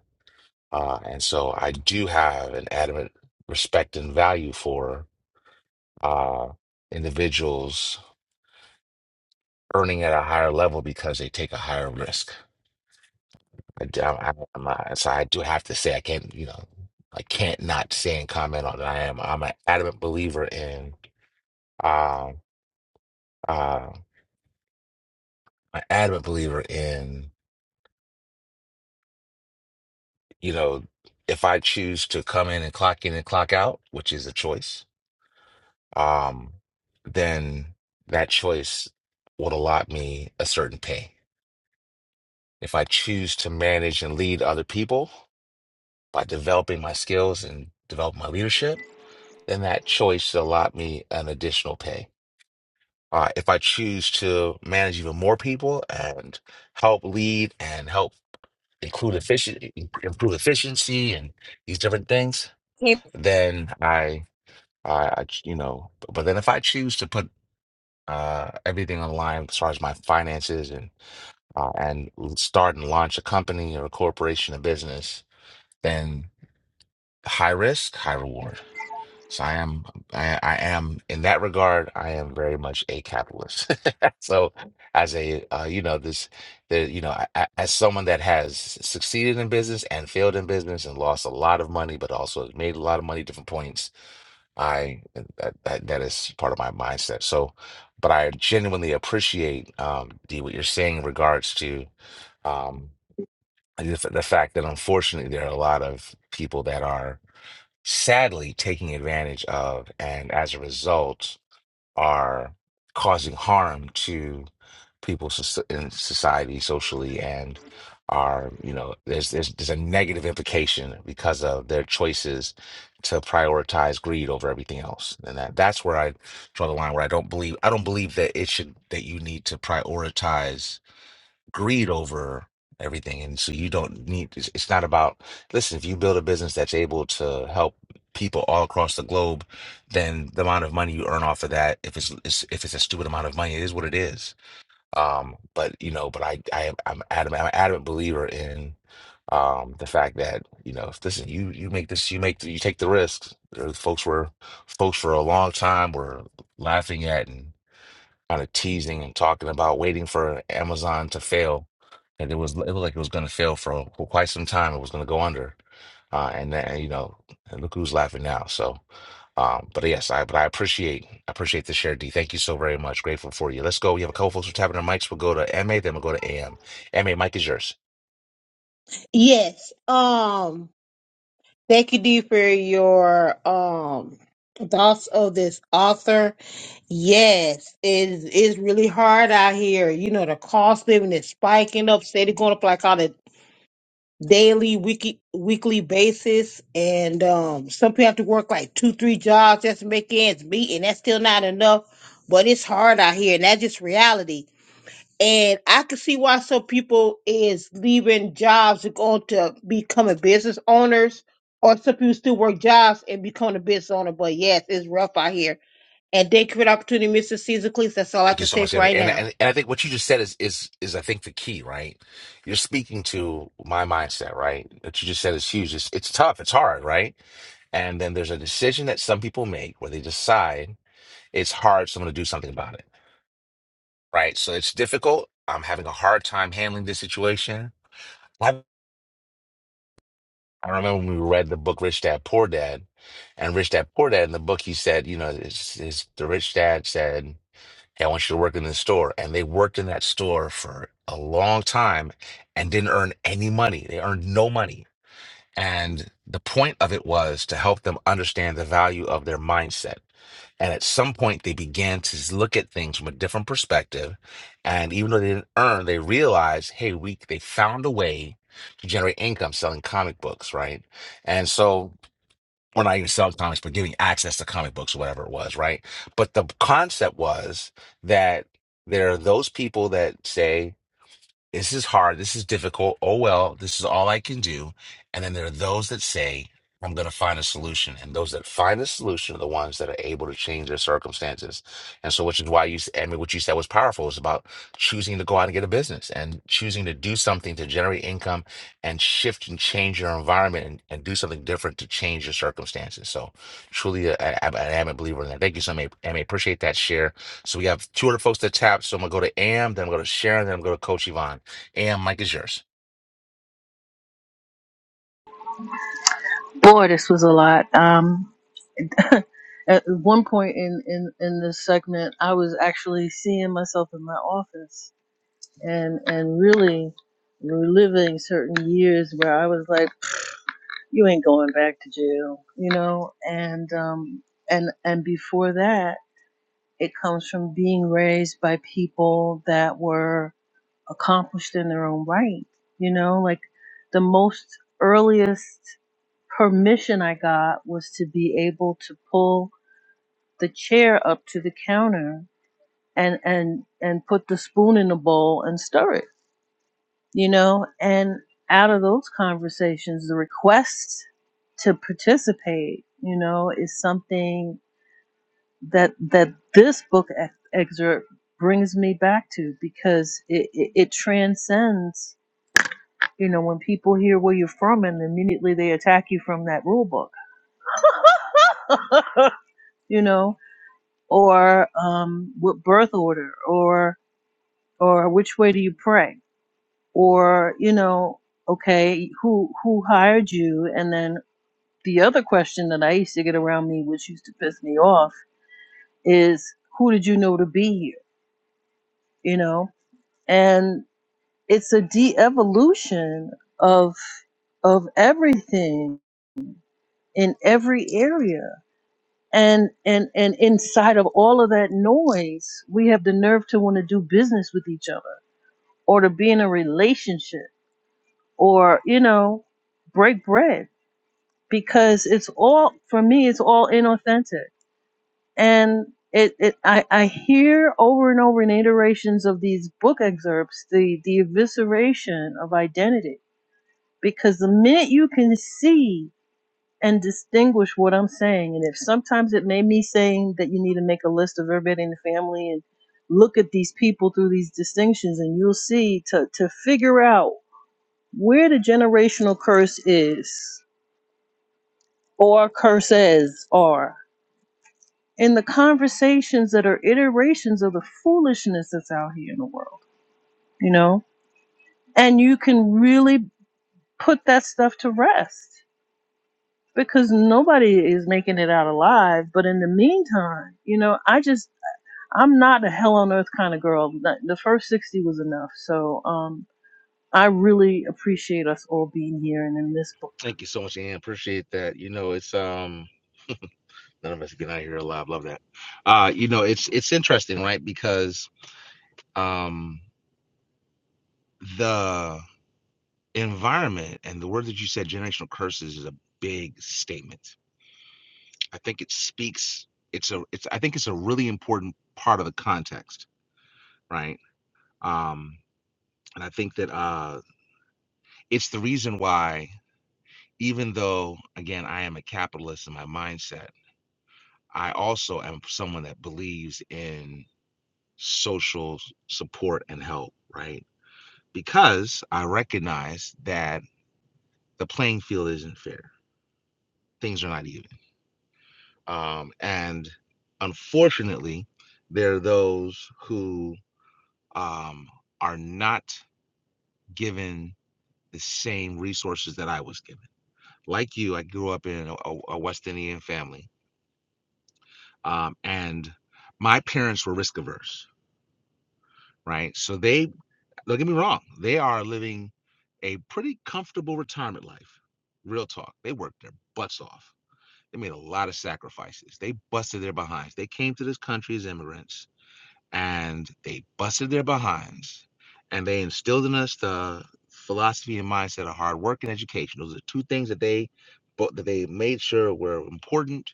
Speaker 2: uh and so I do have an adamant respect and value for uh individuals earning at a higher level because they take a higher risk. I, d- I- I- I'm not- so I do have to say I can't, you know, I can't not say and comment on it. I am I'm an adamant believer in uh, uh, an adamant believer in you know if I choose to come in and clock in and clock out, which is a choice, um, then that choice would allot me a certain pay. If I choose to manage and lead other people by developing my skills and developing my leadership then that choice should allot me an additional pay. Uh, if I choose to manage even more people and help lead and help include efficiency, improve efficiency and these different things,
Speaker 3: Can-
Speaker 2: then I, I, I ch- you know, but then if I choose to put uh, everything on the line as far as my finances and uh, and start and launch a company or a corporation, a business, then high risk, high reward. So I am, I, I am in that regard, I am very much a capitalist. So as a, uh, you know, this, the, you know, I, I- as someone that has succeeded in business and failed in business and lost a lot of money, but also has made a lot of money at different points, I, that, that, that is part of my mindset. So, but I genuinely appreciate, um, D, what you're saying in regards to, um, the, the fact that unfortunately there are a lot of people that are sadly taking advantage of, and as a result, are causing harm to people soc- in society, socially, and are, you know, there's, there's there's a negative implication because of their choices to prioritize greed over everything else. And that that's where I draw the line where I don't believe I don't believe that it should that you need to prioritize greed over everything. And so you don't need, it's it's not about, listen, if you build a business that's able to help people all across the globe, then the amount of money you earn off of that, if it's, it's if it's a stupid amount of money, it is what it is. Um, but you know, but I, I, I'm adamant, I'm an adamant believer in um the fact that, you know, if listen, you, you make this, you make, the, you take the risks. There are Folks were, folks for a long time were laughing at and kind of teasing and talking about waiting for Amazon to fail, and it was it was like it was going to fail for quite some time. It was going to go under, uh, and then you know, and look who's laughing now. So, um, but yes, I but I appreciate I appreciate the share, D. Thank you so very much. Grateful for you. Let's go. We have a couple folks who are tapping their mics. We'll go to MA, then we'll go to A M. M A. MA, mic is yours.
Speaker 3: Yes. Um, thank you, Dee, for your um thoughts of this author. Yes, it is it's really hard out here. You know, the cost of living is spiking up, steady going up like all the. daily, weekly, weekly basis, and um, some people have to work like two, three jobs just to make ends meet, and that's still not enough. But it's hard out here, and that's just reality. And I can see why some people is leaving jobs and going to becoming business owners, or some people still work jobs and become a business owner. But yes, it's rough out here. And thank you for the opportunity, Mr. Caesar Cleese. That's all I have
Speaker 2: Thank
Speaker 3: to
Speaker 2: you so
Speaker 3: say
Speaker 2: much,
Speaker 3: for
Speaker 2: Sammy.
Speaker 3: right
Speaker 2: And,
Speaker 3: now.
Speaker 2: and and I think what you just said is is is I think the key, right? You're speaking to my mindset, right? What you just said is huge. It's it's tough. It's hard, right? And then there's a decision that some people make where they decide it's hard, so I'm going to do something about it, right? So it's difficult. I'm having a hard time handling this situation. I, I remember when we read the book Rich Dad Poor Dad, and Rich Dad Poor Dad in the book he said, you know, his, his, the rich dad said. Hey, I want you to work in this store. And they worked in that store for a long time and didn't earn any money. They earned no money. And the point of it was to help them understand the value of their mindset. And at some point, they began to look at things from a different perspective. And even though they didn't earn, they realized, hey, we they found a way to generate income selling comic books, right? And so or not even sell comics, but giving access to comic books or whatever it was, right? But the concept was that there are those people that say this is hard, this is difficult. Oh well, this is all I can do. And then there are those that say, I'm going to find a solution. And those that find a solution are the ones that are able to change their circumstances. And so, which is why you, s- I mean, what you said was powerful It's about choosing to go out and get a business and choosing to do something to generate income and shift and change your environment and, and do something different to change your circumstances. So, truly, uh, I, I, I am a believer in that. Thank you so much. I appreciate that share. So, we have two other folks that tap. So, I'm going to go to Am, then I'm going to Sharon, then I'm going to Coach Yvonne. And Mike is yours.
Speaker 5: Boy, this was a lot. Um, At one point in, in, in this segment, I was actually seeing myself in my office and, and really reliving certain years where I was like, you ain't going back to jail, you know? And, um, and, and before that, it comes from being raised by people that were accomplished in their own right, you know, like the most earliest permission I got was to be able to pull the chair up to the counter and and and put the spoon in the bowl and stir it you know and out of those conversations the request to participate you know is something that that this book ex- excerpt brings me back to because it, it, it transcends you know when people hear where you're from and immediately they attack you from that rule book you know or um, what birth order, or or which way do you pray or you know okay who who hired you and then the other question that i used to get around me which used to piss me off is who did you know to be here you know and it's a de-evolution of of everything in every area and and and inside of all of that noise we have the nerve to want to do business with each other or to be in a relationship or you know break bread because it's all for me it's all inauthentic and it, it I, I hear over and over in iterations of these book excerpts the the evisceration of identity because the minute you can see and distinguish what I'm saying and if sometimes it may be saying that you need to make a list of everybody in the family and look at these people through these distinctions and you'll see to to figure out where the generational curse is or curses or in the conversations that are iterations of the foolishness that's out here in the world, you know? And you can really put that stuff to rest because nobody is making it out alive. But in the meantime, you know, I just, I'm not a hell on earth kind of girl. The the first 60 was enough. So, um, I really appreciate us all being here and in this book.
Speaker 2: Thank you so much, Ann. Appreciate that. You know, it's um none of us get out here alive. Love that. Uh, you know, it's it's interesting, right? Because um the environment and the word that you said, generational curses, is a big statement. I think it speaks. It's a. It's. I think it's a really important part of the context, right? Um, and I think that uh, it's the reason why, even though again, I am a capitalist in my mindset I also am someone that believes in social s- support and help, right? Because I recognize that the playing field isn't fair. Things are not even. Um, and unfortunately, there are those who um, are not given the same resources that I was given. Like you, I grew up in a, a- a West Indian family, um, and my parents were risk averse, right? So they Don't get me wrong, they are living a pretty comfortable retirement life. Real talk. They worked their butts off. They made a lot of sacrifices. They busted their behinds. They came to this country as immigrants and they busted their behinds and they instilled in us the philosophy and mindset of hard work and education. Those are two things that they bo- that they made sure were important.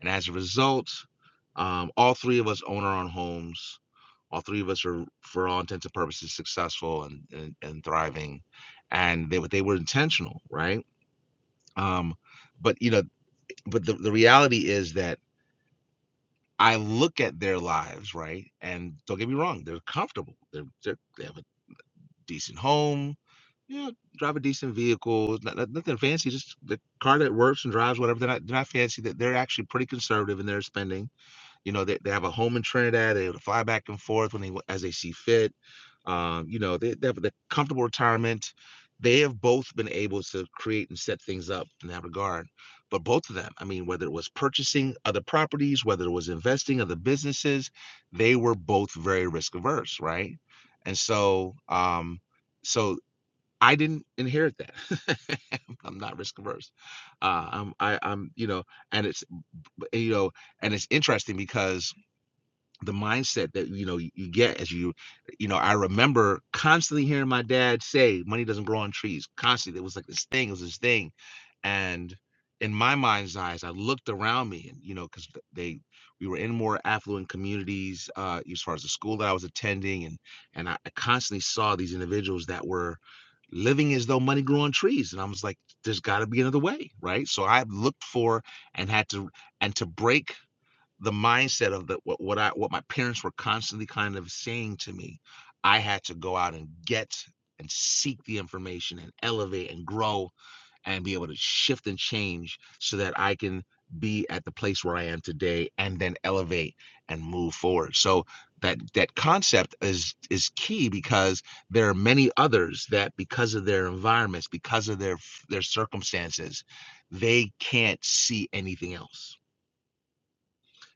Speaker 2: And as a result, um, all three of us own our own homes. All three of us are, for all intents and purposes, successful and and, and thriving. And they were they were intentional, right? Um, but you know, but the, the reality is that I look at their lives, right? And don't get me wrong, they're comfortable. They're, they're they have a decent home, you know, drive a decent vehicle, not, not- nothing fancy, just the car that works and drives whatever. They're not, they're not fancy. That they're actually pretty conservative in their spending you know, they, they have a home in Trinidad. They able to fly back and forth when they as they see fit. Um, you know, they, they have the comfortable retirement. They have both been able to create and set things up in that regard. But both of them, I mean, whether it was purchasing other properties, whether it was investing other businesses, they were both very risk averse, right? And so, um, so I didn't inherit that. I'm not risk averse. Uh, I'm, I, I'm, you know, and it's, you know, and it's interesting because the mindset that you know you, you get as you you know i remember constantly hearing my dad say money doesn't grow on trees constantly it was like this thing it was this thing and in my mind's eyes i looked around me and you know because they we were in more affluent communities uh as far as the school that i was attending and and i I constantly saw these individuals that were living as though money grew on trees and i was like there's got to be another way right so i looked for and had to and to break the mindset of the what, what I what my parents were constantly kind of saying to me, I had to go out and get and seek the information and elevate and grow and be able to shift and change so that I can be at the place where I am today and then elevate and move forward. So that that concept is is key because there are many others that because of their environments, because of their their circumstances, they can't see anything else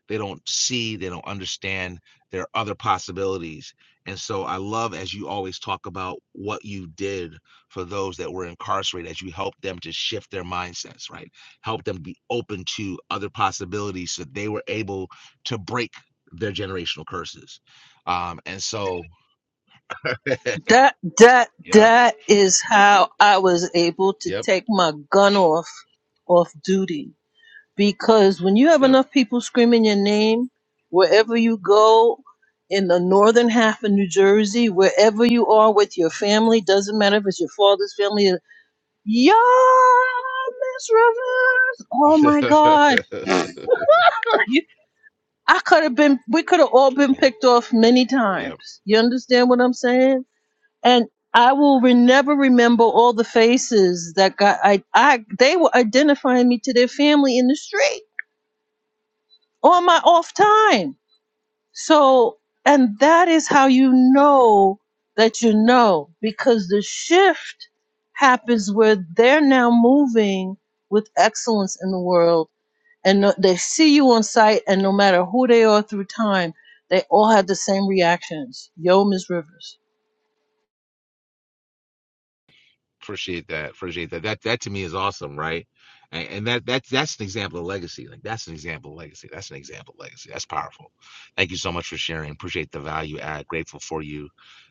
Speaker 2: they don't see, they don't understand there are other possibilities. And so I love as you always talk about what you did for those that were incarcerated as you helped them to shift their mindsets, right? Help them be open to other possibilities so they were able to break their generational curses. Um, and so,
Speaker 5: That that
Speaker 2: yeah,
Speaker 5: that is how I was able to
Speaker 2: yep,
Speaker 5: take my gun off off duty because when you have
Speaker 2: yep.
Speaker 5: enough people screaming your name wherever you go in the northern half of New Jersey, wherever you are with your family, doesn't matter if it's your father's family, yeah, Miss Rivers, oh my God,
Speaker 2: yeah,
Speaker 5: you, I could have been, we could have all been picked off many
Speaker 2: yeah.
Speaker 5: times. You understand what I'm saying? and I will re- never remember all the faces that got I I they were identifying me to their family in the street on my off time. So and that is how you know that you know because the shift happens where they're now moving with excellence in the world and no- they see you on site and no matter who they are through time they all had the same reactions yo Miss rivers
Speaker 2: Appreciate that. Appreciate that. That that to me is awesome, right? And, and that that's that's an example of legacy. Like that's an example of legacy. That's an example of legacy. That's powerful. Thank you so much for sharing. Appreciate the value add. Grateful for you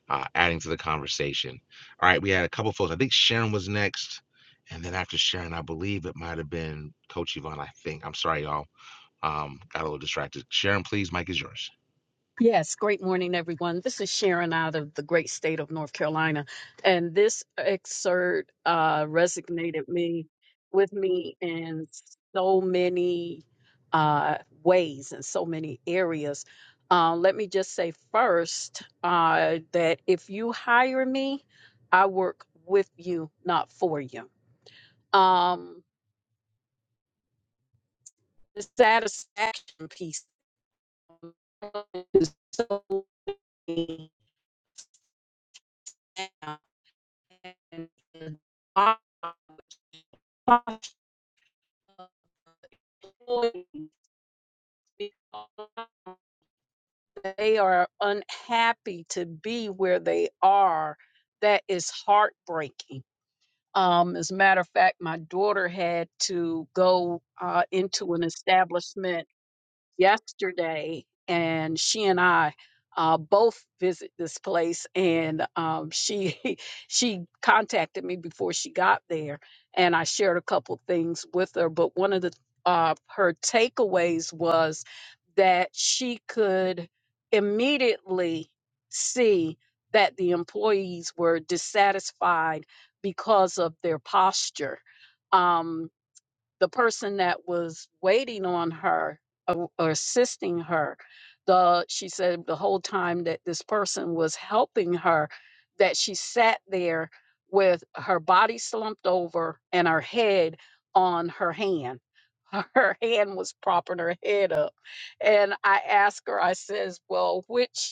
Speaker 2: uh, adding to the conversation. All right, we had a couple folks. I think Sharon was next, and then after Sharon, I believe it might have been Coach Yvonne. I think. I'm sorry, y'all. Um, got a little distracted. Sharon, please, Mike is yours.
Speaker 6: Yes, great morning, everyone. This is Sharon out of the great state of North Carolina, and this excerpt uh, resonated me with me in so many uh, ways and so many areas. Uh, let me just say first uh, that if you hire me, I work with you, not for you. Um, the satisfaction piece is so and the box employees because They are unhappy to be where they are. That is heartbreaking. Um, as a matter of fact, my daughter had to go uh, into an establishment yesterday, and she and I uh, both visit this place. And um, she she contacted me before she got there, and I shared a couple things with her. But one of the uh, her takeaways was that she could immediately see that the employees were dissatisfied because of their posture. Um, the person that was waiting on her or, or assisting her the she said the whole time that this person was helping her that she sat there with her body slumped over and her head on her hand her hand was propping her head up and i asked her i says well which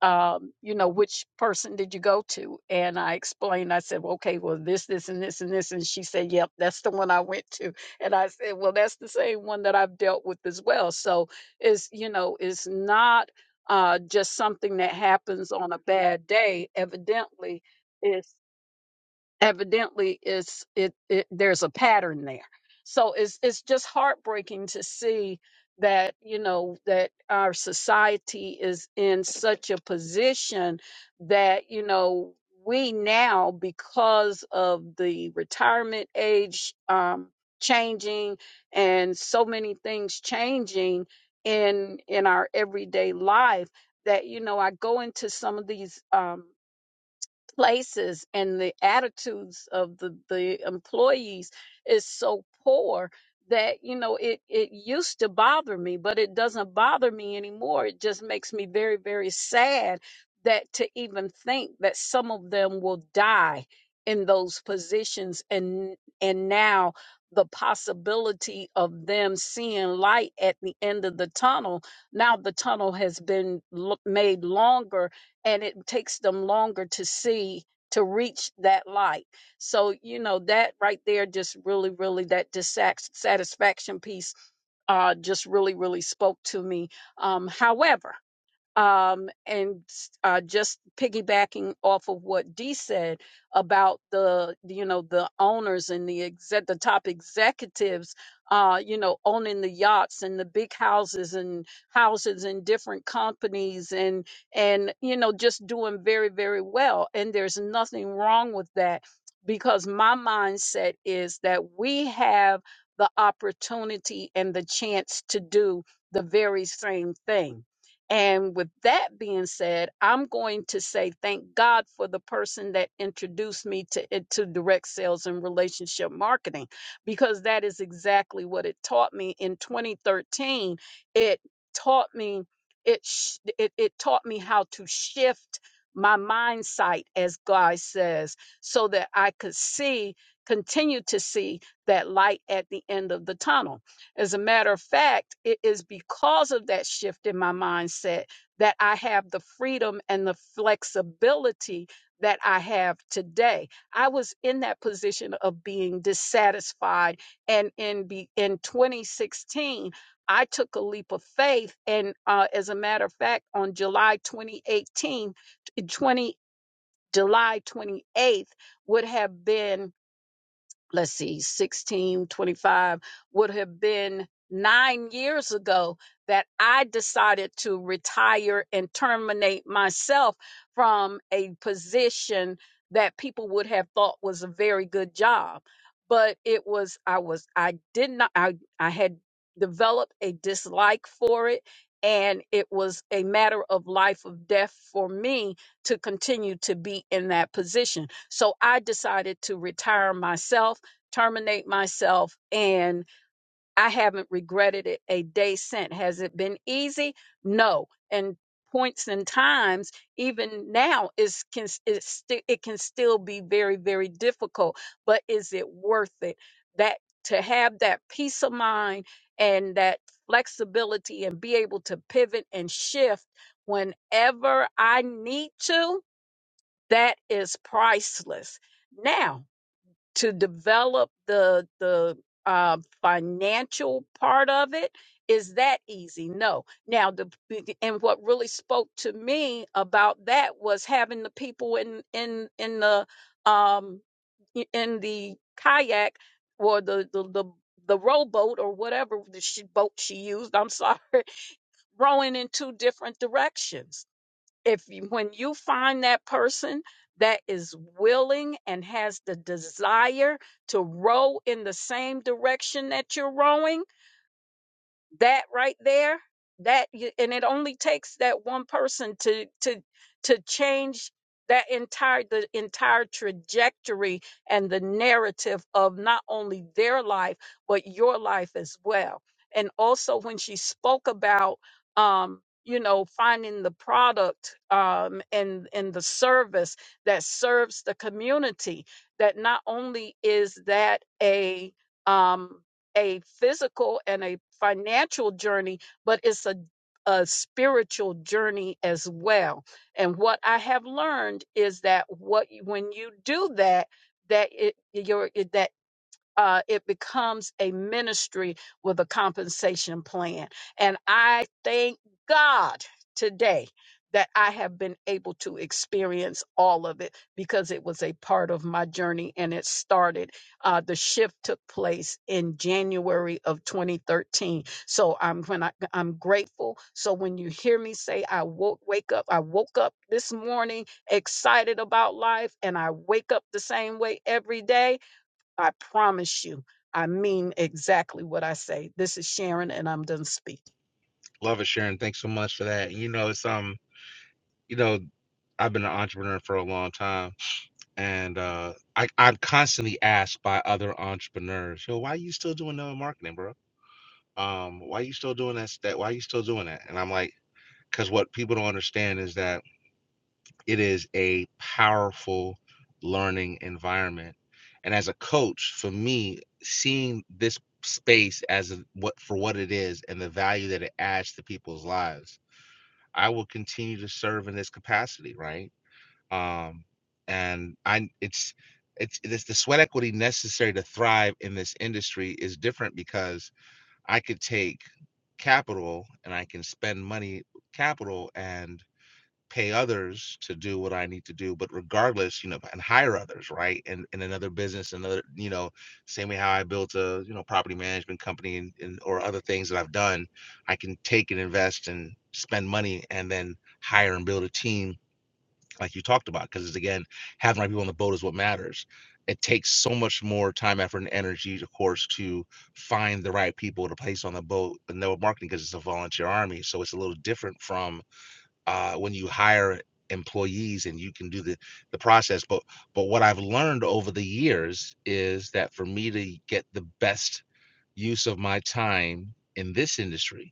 Speaker 6: um, you know, which person did you go to? And I explained, I said, well, okay, well, this, this, and this, and this. And she said, yep, that's the one I went to. And I said, well, that's the same one that I've dealt with as well. So it's, you know, it's not uh, just something that happens on a bad day. Evidently, evidently it's it, it there's a pattern there so it's it's just heartbreaking to see that you know that our society is in such a position that you know we now because of the retirement age um changing and so many things changing in in our everyday life that you know I go into some of these um places and the attitudes of the, the employees is so poor that you know it it used to bother me but it doesn't bother me anymore it just makes me very very sad that to even think that some of them will die in those positions and and now the possibility of them seeing light at the end of the tunnel now the tunnel has been lo- made longer and it takes them longer to see to reach that light. So, you know, that right there just really, really that dissatisfaction piece uh just really, really spoke to me. Um, however, um, and uh, just piggybacking off of what Dee said about the you know the owners and the exec- the top executives, uh, you know, owning the yachts and the big houses and houses in different companies and and you know just doing very very well. And there's nothing wrong with that because my mindset is that we have the opportunity and the chance to do the very same thing and with that being said, I'm going to say thank God for the person that introduced me to it- to direct sales and relationship marketing because that is exactly what it taught me in 2013. It taught me it sh- it, it taught me how to shift my mind sight as God says so that I could see continue to see that light at the end of the tunnel as a matter of fact, it is because of that shift in my mindset that I have the freedom and the flexibility that I have today. I was in that position of being dissatisfied and in be, in 2016 I took a leap of faith and uh, as a matter of fact on July 2018 July 28th would have been let's see, 16 25 would have been nine years ago that I decided to retire and terminate myself from a position that people would have thought was a very good job. But it was, I was, I did not, I, I had developed a dislike for it. And it was a matter of life or death for me to continue to be in that position. So I decided to retire myself terminate myself and I haven't regretted it a day since. Has it been easy? No. And points and times, even now, is can it's sti- it can still be very very difficult. But is it worth it? That to have that peace of mind and that flexibility and be able to pivot and shift whenever I need to, that is priceless. Now to develop the the uh, financial part of it is that easy no now the and what really spoke to me about that was having the people in in in the um i- in the kayak or the the the, the rowboat or whatever the she, boat she used i'm sorry rowing in two different directions if you- when you find that person that is willing and has the desire to row in the same direction that you're rowing that right there that y- and it only takes that one person to to to change that entire the entire trajectory and the narrative of not only their life but your life as well and also when she spoke about um you know finding the product um and and the service that serves the community that not only is that a um a physical and a financial journey, but it's a a spiritual journey as well. And what I have learned is that what you- when you do that, that it your it- that uh, it becomes a ministry with a compensation plan. And I thank God today that I have been able to experience all of it because it was a part of my journey and it started. Uh, the shift took place in January of 2013. So I'm when I, I'm grateful. So when you hear me say I woke wake up, I woke up this morning excited about life and I wake up the same way every day I promise you, I mean exactly what I say. This is Sharon, and I'm done speaking.
Speaker 2: Love it, Sharon. Thanks so much for that. You know, it's um, you know, I've been an entrepreneur for a long time and uh, I, I'm constantly asked by other entrepreneurs, "Yo, why are you still doing network marketing, bro? Um, why are you still doing that? That why are you still doing that?" And I'm like, "Cause what people don't understand is that it is a powerful learning environment, and as a coach, for me, seeing this space as a, what for what it is and the value that it adds to people's lives." I will continue to serve in this capacity, right? um, and I it's it's this the sweat equity necessary to thrive in this industry is different because I could take capital and I can spend money capital and pay others to do what I need to do but regardless you know and hire others right and in another business another you know same way how I built a you know property management company and, and or other things that I've done I can take and invest and spend money and then hire and build a team like you talked about, because again, having the right people on the boat is what matters. It takes so much more time, effort, and energy, of course, to find the right people to place on the boat and network marketing because it's a volunteer army. So it's a little different from uh, when you hire employees and you can do the, the process. But but what I've learned over the years is that for me to get the best use of my time in this industry,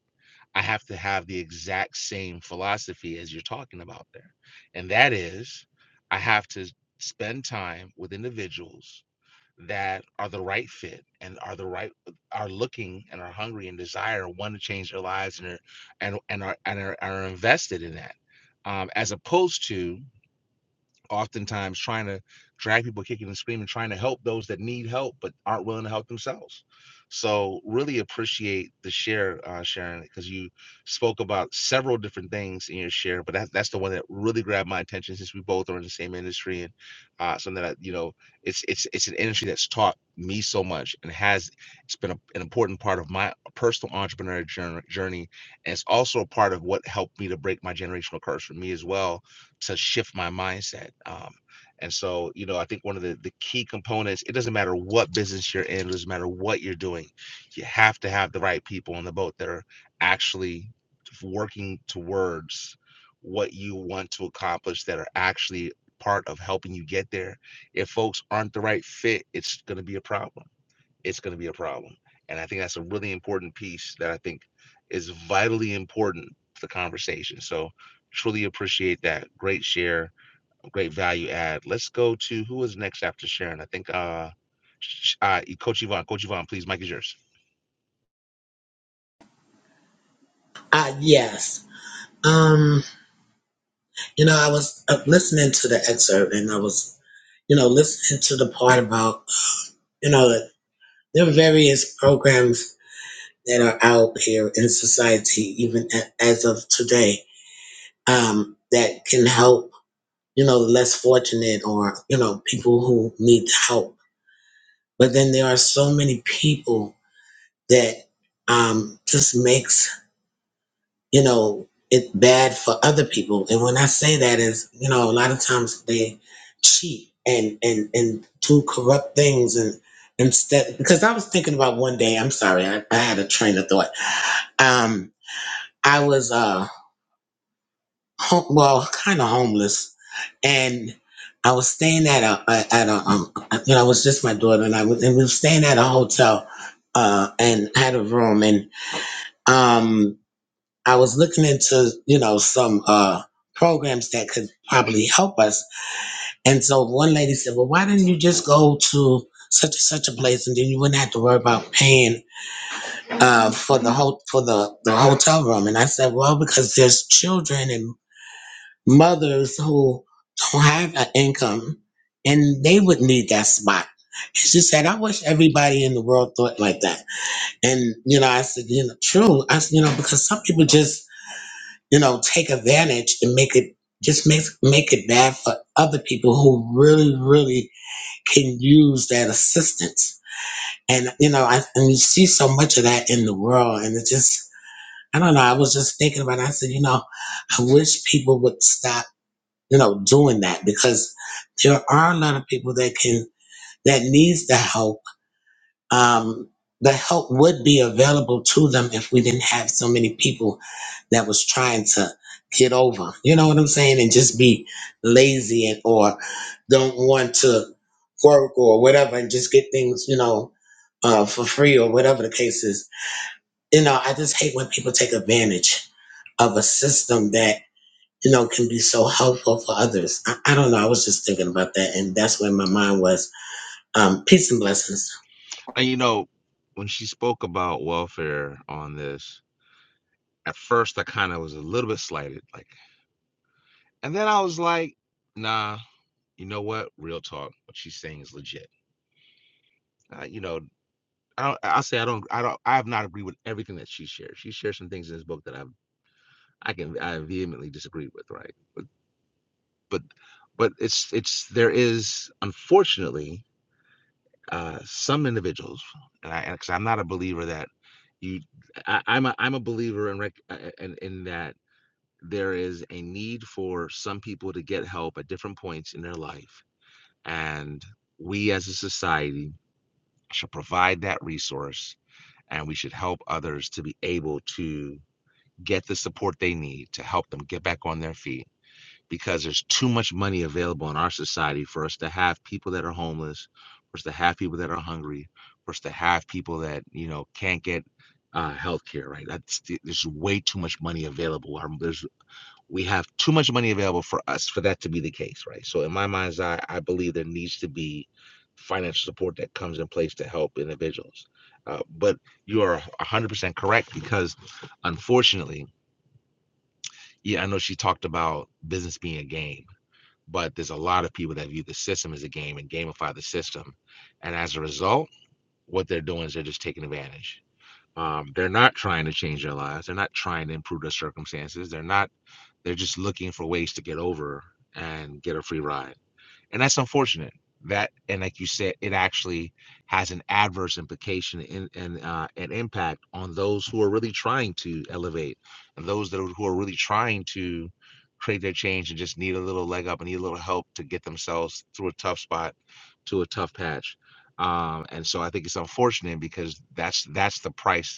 Speaker 2: I have to have the exact same philosophy as you're talking about there. And that is, I have to spend time with individuals that are the right fit and are the right uh, are looking and are hungry and desire and want to change their lives and are and and are and are, are invested in that um, as opposed to oftentimes trying to drag people kicking and screaming, trying to help those that need help but aren't willing to help themselves. So really appreciate the share, uh, Sharon, because you spoke about several different things in your share, but that, that's the one that really grabbed my attention since we both are in the same industry and uh, something that you know it's it's it's an industry that's taught me so much and has it's been a, an important part of my personal entrepreneurial jour- journey, and it's also a part of what helped me to break my generational curse for me as well to shift my mindset. Um, and so, you know, I think one of the, the key components, it doesn't matter what business you're in, it doesn't matter what you're doing, you have to have the right people on the boat that are actually working towards what you want to accomplish that are actually part of helping you get there. If folks aren't the right fit, it's going to be a problem it's going to be a problem. And I think that's a really important piece that I think is vitally important to the conversation. So truly appreciate that. Great share, great value add. Let's go to who is next after Sharon. I think uh, sh- uh Coach Yvonne. Coach Yvonne, please, Mike is yours.
Speaker 7: Uh yes. Um, You know, I was uh, listening to the excerpt and I was, you know, listening to the part about, you know, that there are various programs that are out here in society, even a- as of today, um, that can help, you know, the less fortunate or, you know, people who need help. But then there are so many people that um, just makes you know, it's bad for other people. And when I say that is, you know, a lot of times they cheat and and and do corrupt things and instead because I was thinking about one day, I'm sorry, I, I had a train of thought. Um I was uh home, well, kind of homeless and I was staying at a a- at a um you know, it was just my daughter and I was and we were staying at a hotel uh and had a room and um I was looking into, you know, some uh, programs that could probably help us. And so one lady said, well, why didn't you just go to such and such a place and then you wouldn't have to worry about paying uh, for the whole for the, the hotel room? And I said, well, because there's children and mothers who don't have an income and they would need that spot. And She said, I wish everybody in the world thought like that. And, you know, I said, you know, true. I said, you know, because some people just you know, take advantage and make it just make make it bad for other people who really, really can use that assistance. And you know, I, and you see so much of that in the world, and it just I don't know. I was just thinking about. It. I said, you know, I wish people would stop, you know, doing that because there are a lot of people that can that needs the help um, the help would be available to them if we didn't have so many people that was trying to get over. You know what I'm saying? And just be lazy and or don't want to work or whatever and just get things, you know, uh, for free or whatever the case is. You know, I just hate when people take advantage of a system that, you know, can be so helpful for others. I, I don't know. I was just thinking about that. And that's where my mind was. Um, peace and blessings.
Speaker 2: And you know, when she spoke about welfare on this, at first I kind of was a little bit slighted, like, and then I was like, nah, you know what? Real talk. What she's saying is legit. Uh, you know, I don't, I'll say I don't, I don't, I have not agreed with everything that she shares. She shares some things in this book that I've, I can, I vehemently disagree with, right? But, but, but it's, it's, there is, unfortunately, uh, some individuals, and I, because I'm not a believer that you, I, I'm a, I'm a believer in, rec- uh, uh, in, in that there is a need for some people to get help at different points in their life, and we as a society should provide that resource and we should help others to be able to get the support they need to help them get back on their feet because there's too much money available in our society for us to have people that are homeless for us to have people that are hungry for us to have people that you know can't get uh, health care right that's there's way too much money available Our- there's we have too much money available for us for that to be the case, right? So in my mind's eye, I believe there needs to be financial support that comes in place to help individuals. Uh, but you are 100% correct because unfortunately, yeah, I know she talked about business being a game, but there's a lot of people that view the system as a game and gamify the system. And as a result, what they're doing is they're just taking advantage. Um, they're not trying to change their lives. They're not trying to improve their circumstances. They're not they're just looking for ways to get over and get a free ride. And that's unfortunate. That and like you said, it actually has an adverse implication in, and uh, an impact on those who are really trying to elevate and those that are, who are really trying to create their change and just need a little leg up and need a little help to get themselves through a tough spot to a tough patch. Um, and so I think it's unfortunate because that's that's the price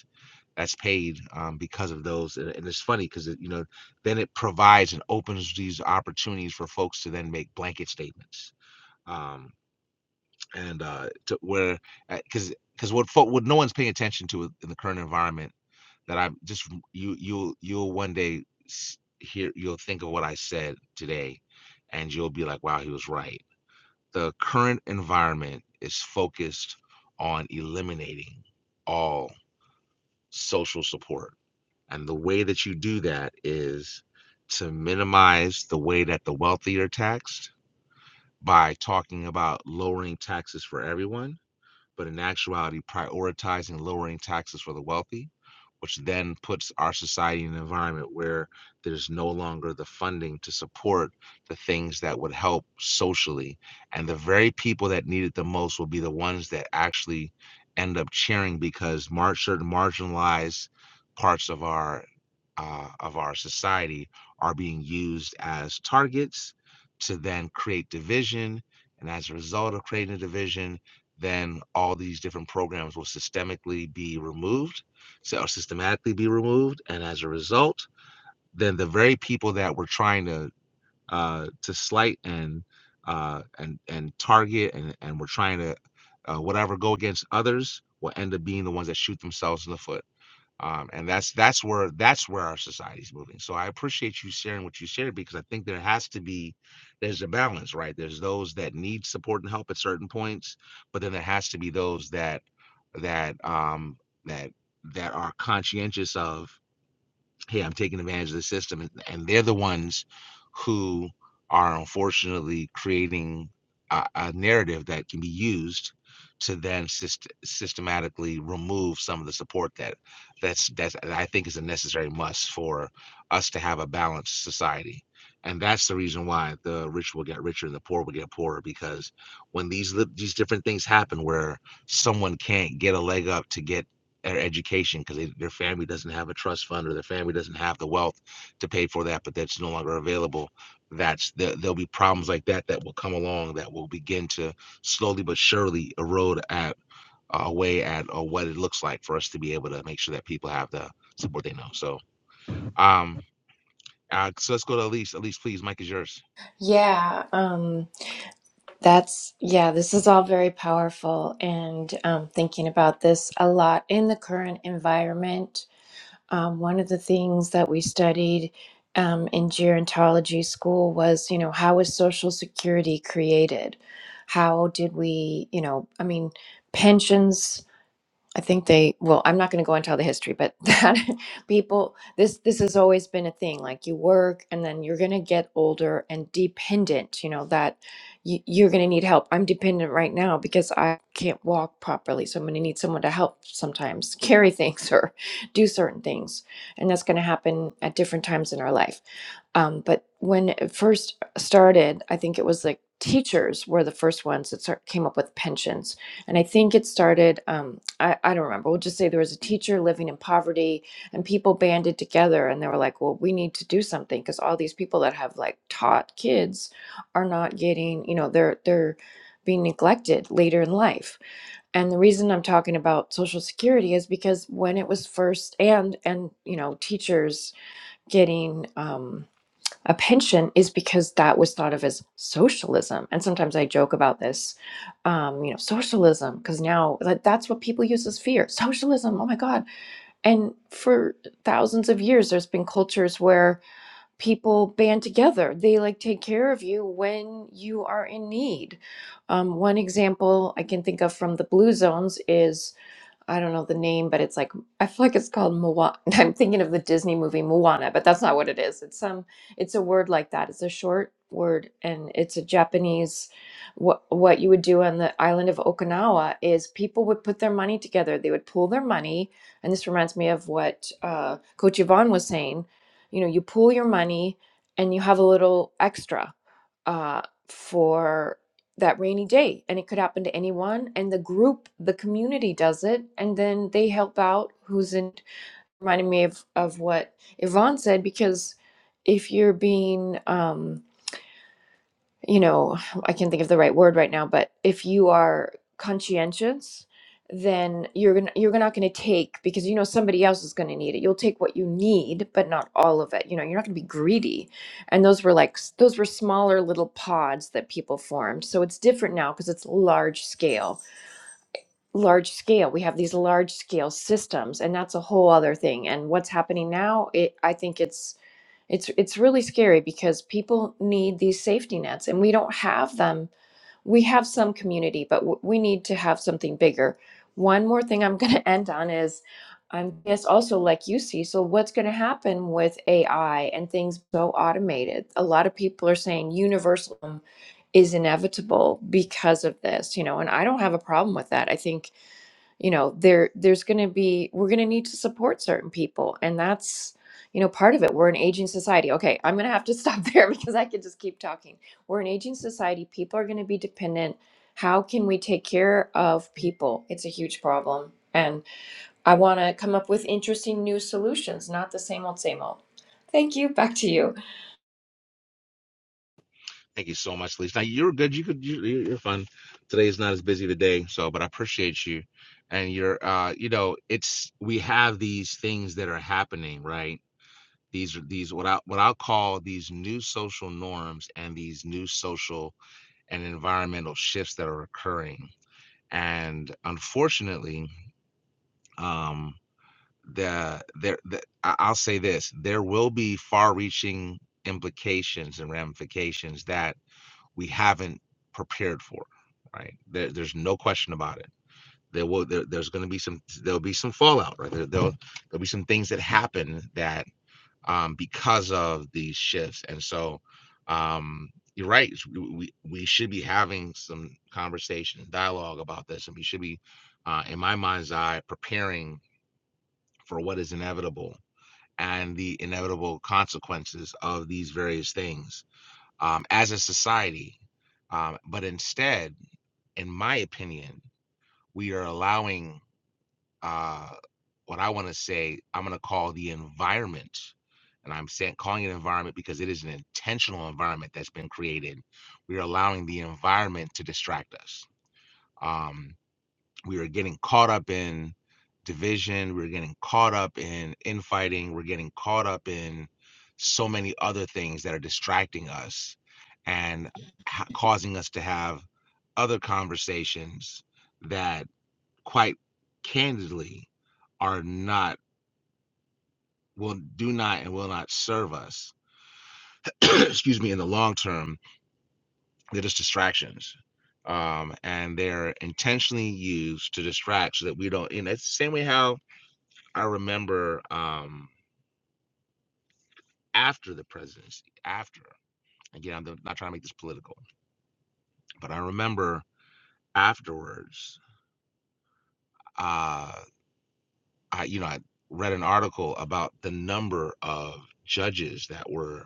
Speaker 2: that's paid um, because of those. And, and it's funny because it, you know then it provides and opens these opportunities for folks to then make blanket statements. Um, and uh, to where because because what what no one's paying attention to in the current environment that I'm just you you'll you'll one day hear you'll think of what I said today, and you'll be like, wow, he was right. The current environment is focused on eliminating all social support and the way that you do that is to minimize the way that the wealthy are taxed by talking about lowering taxes for everyone but in actuality prioritizing lowering taxes for the wealthy, which then puts our society in an environment where there's no longer the funding to support the things that would help socially. And the very people that need it the most will be the ones that actually end up cheering because mar- certain marginalized parts of our uh, of our society are being used as targets to then create division. And as a result of creating a division, then all these different programs will systemically be removed, so or systematically be removed, and as a result, then the very people that we're trying to uh, to slight and uh, and and target and and we're trying to uh, whatever go against others will end up being the ones that shoot themselves in the foot. Um, and that's that's where that's where our society's moving. So I appreciate you sharing what you shared because I think there has to be there's a balance, right? There's those that need support and help at certain points, but then there has to be those that that um that that are conscientious of hey, I'm taking advantage of the system. And, and they're the ones who are unfortunately creating a, a narrative that can be used to then syst- systematically remove some of the support that that's that's that I think is a necessary must for us to have a balanced society. And that's the reason why the rich will get richer and the poor will get poorer because when these li- these different things happen where someone can't get a leg up to get their education because their family doesn't have a trust fund or their family doesn't have the wealth to pay for that, but that's no longer available. That's there, there'll be problems like that that will come along that will begin to slowly but surely erode at uh, away at or what it looks like for us to be able to make sure that people have the support they know. So, um, uh, so let's go to Elise. Elise, please, Mike is yours.
Speaker 4: Yeah. Um. That's, yeah, this is all very powerful. And um, thinking about this a lot in the current environment, um, one of the things that we studied um, in gerontology school was, you know, how was Social Security created? How did we, you know, I mean, pensions. I think they well, I'm not going to go into all the history, but that people this this has always been a thing. Like you work and then you're going to get older and dependent, you know, that you, you're going to need help. I'm dependent right now because I can't walk properly. So I'm going to need someone to help sometimes carry things or do certain things. And that's going to happen at different times in our life. Um, but when it first started, I think it was like teachers were the first ones that start, came up with pensions. And I think it started, um, I, I don't remember, we'll just say there was a teacher living in poverty and people banded together and they were like, well, we need to do something because all these people that have like taught kids are not getting, you know, they're, they're, being neglected later in life. And the reason I'm talking about social security is because when it was first and and you know teachers getting um a pension is because that was thought of as socialism. And sometimes I joke about this, um, you know, socialism, because now that, that's what people use as fear socialism. Oh my God. And for thousands of years, there's been cultures where people band together, they like take care of you when you are in need. Um, one example I can think of from the Blue Zones is. I don't know the name, but it's like I feel like it's called Moana. I'm thinking of the Disney movie Moana, but that's not what it is. It's some it's a word like that. It's a short word and it's a Japanese what what you would do on the island of Okinawa is people would put their money together. They would pool their money, and this reminds me of what uh, Coach Yvonne was saying. You know, you pool your money and you have a little extra uh, for that rainy day and it could happen to anyone and the group the community does it and then they help out who's in reminding me of, of what yvonne said because if you're being um you know, I can't think of the right word right now, but if you are conscientious, then you're gonna you're not gonna take because you know somebody else is gonna need it. You'll take what you need, but not all of it. You know, you're not gonna be greedy. And those were like s- those were smaller little pods that people formed. So it's different now because it's large scale. Large scale. We have these large scale systems, and that's a whole other thing. And what's happening now, it I think it's it's it's really scary because people need these safety nets and we don't have them. We have some community, but w- we need to have something bigger. One more thing I'm going to end on is I'm guess also like you see, so what's going to happen with AI and things so automated? A lot of people are saying universalism is inevitable because of this, you know, and I don't have a problem with that. I think you know there there's going to be we're going to need to support certain people and that's you know part of it we're an aging society okay i'm going to have to stop there because i could just keep talking we're an aging society people are going to be dependent how can we take care of people it's a huge problem and i want to come up with interesting new solutions not the same old same old thank you back to you
Speaker 2: Thank you so much, Lisa. Now you're good. You could you, you- are fun. Today's not as busy today, so but I appreciate you. And you're uh, you know, it's we have these things that are happening, right? These are these what I what I'll call these new social norms and these new social and environmental shifts that are occurring. And unfortunately, um the there the, I- I'll say this, there will be far reaching implications and ramifications that we haven't prepared for right there, there's no question about it there will there, there's going to be some there'll be some fallout right there, there'll there'll be some things that happen that um because of these shifts and so um you're right we we we should be having some conversation and dialogue about this and we should be uh in my mind's eye preparing for what is inevitable and the inevitable consequences of these various things um, as a society. Um, but instead, in my opinion, we are allowing uh, what I want to say, I'm going to call the environment. And I'm saying calling it an environment because it is an intentional environment that's been created. We are allowing the environment to distract us. Um, we were getting caught up in division we were getting caught up in infighting we're getting caught up in so many other things that are distracting us and ha- causing us to have other conversations that quite candidly are not will do not and will not serve us excuse me in the long term they're just distractions um, and they're intentionally used to distract so that we don't and it's the same way how I remember um, after the presidency, after again, I'm not trying to make this political, but I remember afterwards, uh, I you know I read an article about the number of judges that were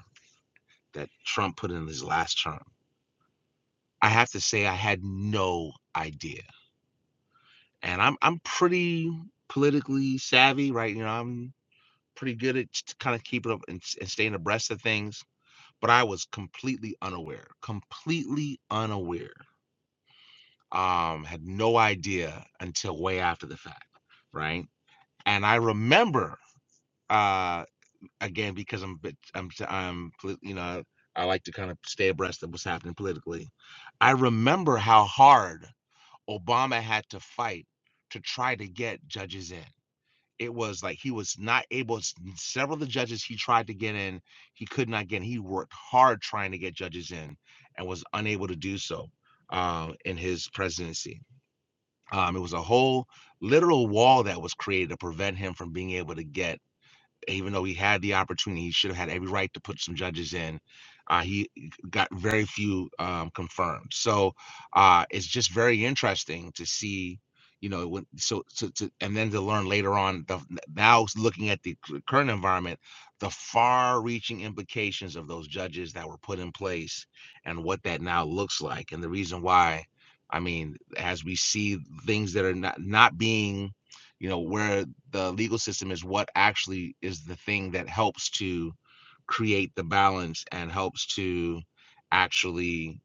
Speaker 2: that Trump put in his last term. I have to say I had no idea, and I'm I'm pretty politically savvy, right? You know, I'm pretty good at kind of keeping up and, and staying abreast of things but I was completely unaware, completely unaware Um, had no idea until way after the fact, right? And I remember, uh, again, because I'm, a bit, I'm, i I'm, polit- you know, I like to kind of stay abreast of what's happening politically. I remember how hard Obama had to fight to try to get judges in. It was like he was not able. s- Several of the judges he tried to get in, he could not get. in. He worked hard trying to get judges in, and was unable to do so uh, in his presidency. Um, it was a whole literal wall that was created to prevent him from being able to get even though he had the opportunity, he should have had every right to put some judges in. Uh, he got very few um, confirmed, so uh, it's just very interesting to see, you know, when, so, so to, and then to learn later on. The, now looking at the current environment, the far-reaching implications of those judges that were put in place, and what that now looks like, and the reason why. I mean, as we see things that are not not being you know where the legal system is what actually is the thing that helps to create the balance and helps to actually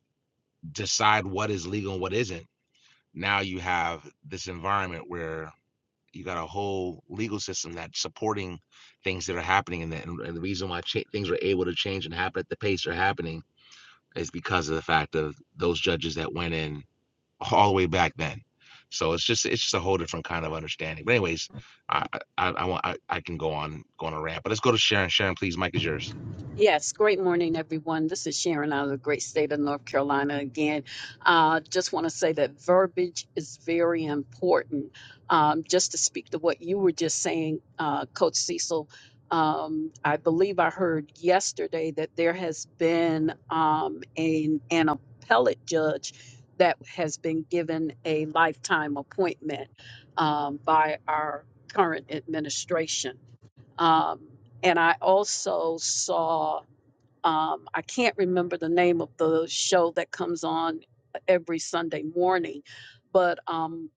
Speaker 2: decide what is legal and what isn't. Now you have this environment where you got a whole legal system that's supporting things that are happening, and, that, and and the reason why cha- things are able to change and happen at the pace they're happening is because of the fact of those judges that went in all the way back then. So it's just it's just a whole different kind of understanding. But anyways, I I, I want I, I can go on go on a rant, but let's go to Sharon. Sharon, please, Mike is yours.
Speaker 6: Yes, great morning, everyone. This is Sharon out of the great state of North Carolina again. Uh, just want to say that verbiage is very important. Um, just to speak to what you were just saying, uh, Coach Cecil, um, I believe I heard yesterday that there has been um, an, an appellate judge that has been given a lifetime appointment um, by our current administration. Um, and I also saw um, I can't remember the name of the show that comes on every Sunday morning, but um,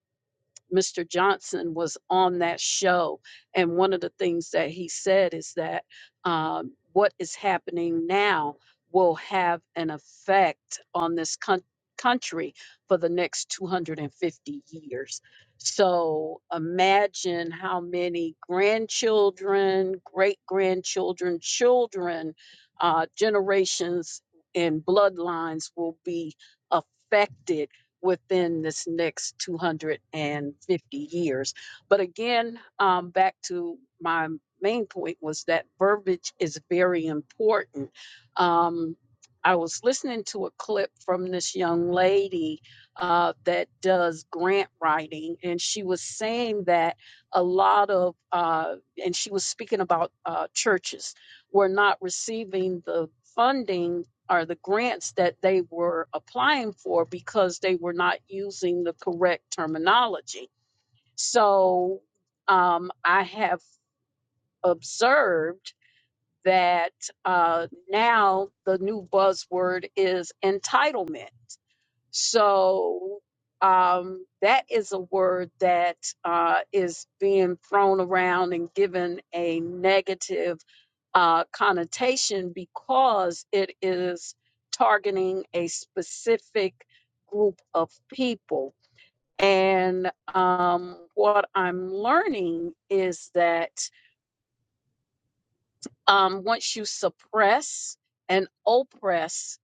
Speaker 6: Mr. Johnson was on that show, and one of the things that he said is that um, what is happening now will have an effect on this coun- country for the next 250 years. So imagine how many grandchildren, great grandchildren, children, uh, generations, and bloodlines will be affected within this next 250 years. But again, um, back to my main point was that verbiage is very important. Um, I was listening to a clip from this young lady uh, that does grant writing, and she was saying that a lot of, uh, and she was speaking about uh, churches were not receiving the funding or the grants that they were applying for because they were not using the correct terminology. So um, I have observed that uh, now the new buzzword is entitlement. So um, that is a word that uh, is being thrown around and given a negative uh, connotation because it is targeting a specific group of people. And um, what I'm learning is that um, once you suppress and oppress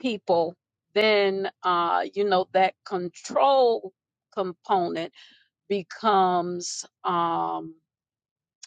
Speaker 6: people, then uh, you know that control component becomes. Um,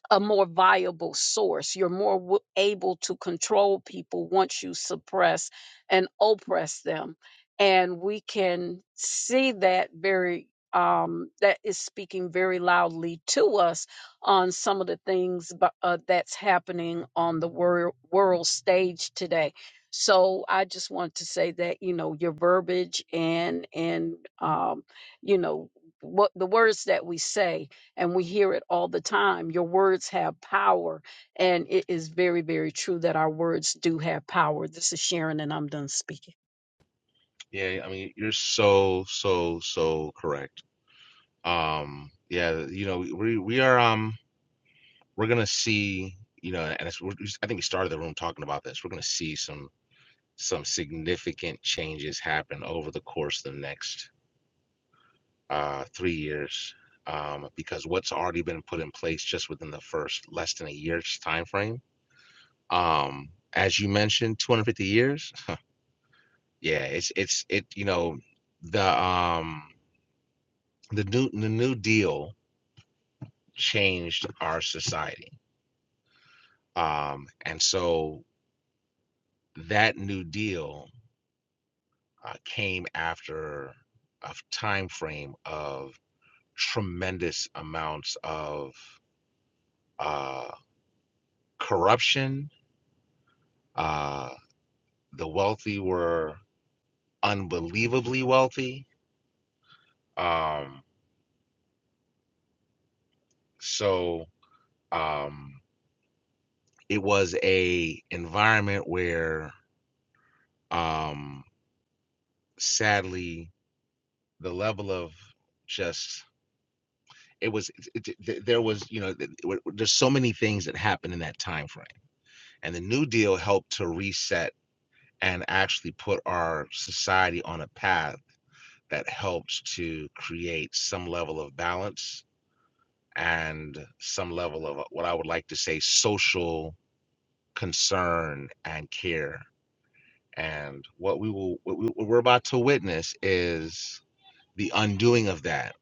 Speaker 6: a more viable source. You're more w- able to control people once you suppress and oppress them. And we can see that very, um, that is speaking very loudly to us on some of the things bu- uh, that's happening on the wor- world stage today. So I just want to say that, you know, your verbiage and, and, um, you know, what the words that we say and we hear it all the time. Your words have power, and it is very, very true that our words do have power. This is Sharon, and I'm done speaking.
Speaker 2: Yeah, I mean you're so so so correct. Um, yeah, you know we we are um we're gonna see you know and it's, we're, I think we started the room talking about this. We're gonna see some some significant changes happen over the course of the next uh, three years um, because what's already been put in place just within the first less than a year's time frame. Um, as you mentioned, 250 years. Yeah, it's it's it. You know, the um, the new the New Deal changed our society, um, and so that New Deal uh, came after a time frame of tremendous amounts of uh, corruption, uh, the wealthy were unbelievably wealthy. Um, so um, it was a environment where, um, sadly, the level of just it was it, it- there was you know there's so many things that happened in that time frame, and the New Deal helped to reset and actually put our society on a path that helps to create some level of balance and some level of uh, what I would like to say social concern and care. And what we will, what, we, what we're about to witness is the undoing of that.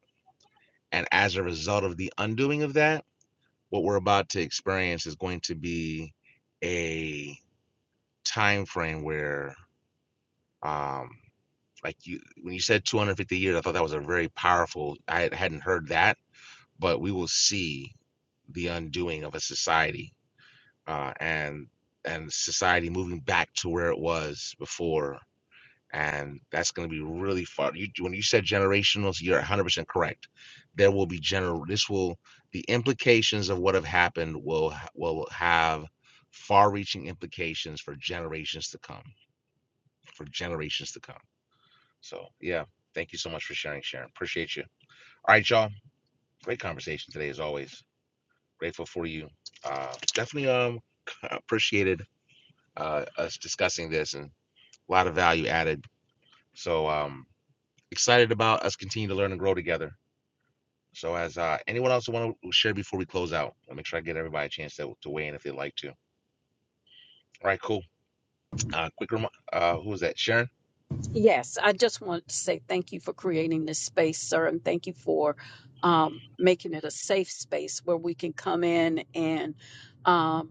Speaker 2: And as a result of the undoing of that, what we're about to experience is going to be a time frame where, um, like you, when you said 250 years, I thought that was a very powerful. I hadn't heard that, but we will see the undoing of a society uh, and and society moving back to where it was before. And that's going to be really far. You, when you said generationals, you're 100% correct. There will be general. This will the implications of what have happened will ha- will have far-reaching implications for generations to come. For generations to come. So yeah, thank you so much for sharing, Sharon. Appreciate you. All right, y'all. Great conversation today, as always. Grateful for you. Uh, definitely um appreciated uh, us discussing this and a lot of value added. So um, excited about us continuing to learn and grow together. So as uh, anyone else want to share before we close out, I'll make sure I get everybody a chance to, to weigh in if they'd like to. All right, cool. Uh, quick reminder, uh, who was that? Sharon.
Speaker 6: Yes, I just wanted to say thank you for creating this space, sir, and thank you for um, making it a safe space where we can come in and. um,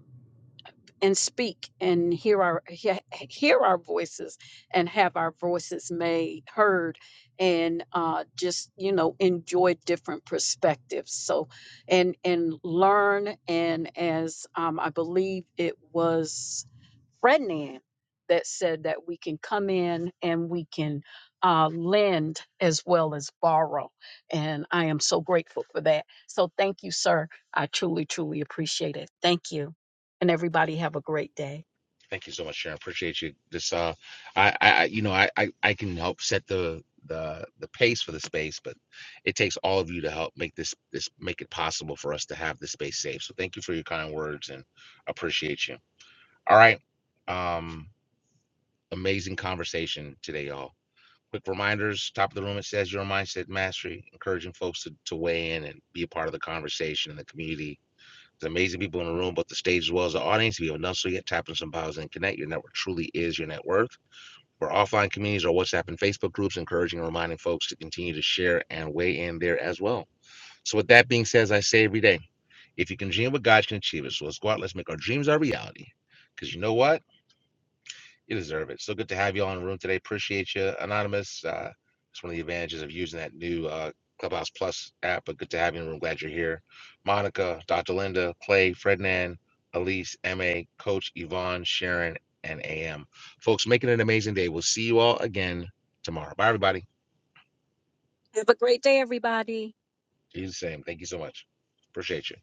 Speaker 6: and speak and hear our he- hear our voices and have our voices made heard and uh, just you know enjoy different perspectives so and and learn and as um, i believe it was Frednan that said that we can come in and we can uh, lend as well as borrow and i am so grateful for that so thank you sir i truly truly appreciate it thank you and everybody have a great day.
Speaker 2: Thank you so much, Sharon. Appreciate you. This, uh, I, I, you know, I, I, I can help set the, the, the pace for the space, but it takes all of you to help make this, this, make it possible for us to have this space safe. So thank you for your kind words and appreciate you. All right. Um, amazing conversation today, y'all. Quick reminders, top of the room, it says your mindset mastery, encouraging folks to, to weigh in and be a part of the conversation in the community. There's amazing people in the room, both the stage as well as the audience. If you haven't done so yet, tap in some bios and connect. Your network truly is your net worth. are offline communities or WhatsApp and Facebook groups, encouraging and reminding folks to continue to share and weigh in there as well. So with that being said, as I say every day, if you can dream what God can achieve it. So let's go out, let's make our dreams our reality. Because you know what? You deserve it. So good to have you on the room today. Appreciate you, Anonymous. Uh, it's one of the advantages of using that new uh, Clubhouse Plus app, but good to have you in the room. Glad you're here. Monica, Dr. Linda, Clay, Frednan, Elise, MA, Coach Yvonne, Sharon, and AM. Folks, making it an amazing day. We'll see you all again tomorrow. Bye, everybody.
Speaker 6: Have a great day, everybody.
Speaker 2: You the same. Thank you so much. Appreciate you.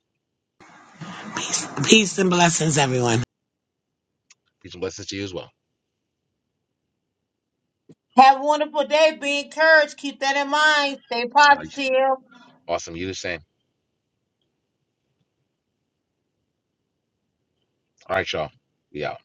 Speaker 7: Peace and blessings, everyone.
Speaker 2: Peace and blessings to you as well.
Speaker 3: Have a wonderful day. Be encouraged. Keep that in mind. Stay
Speaker 2: Uh,
Speaker 3: positive.
Speaker 2: awesome. You the same. All right, y'all. Be out.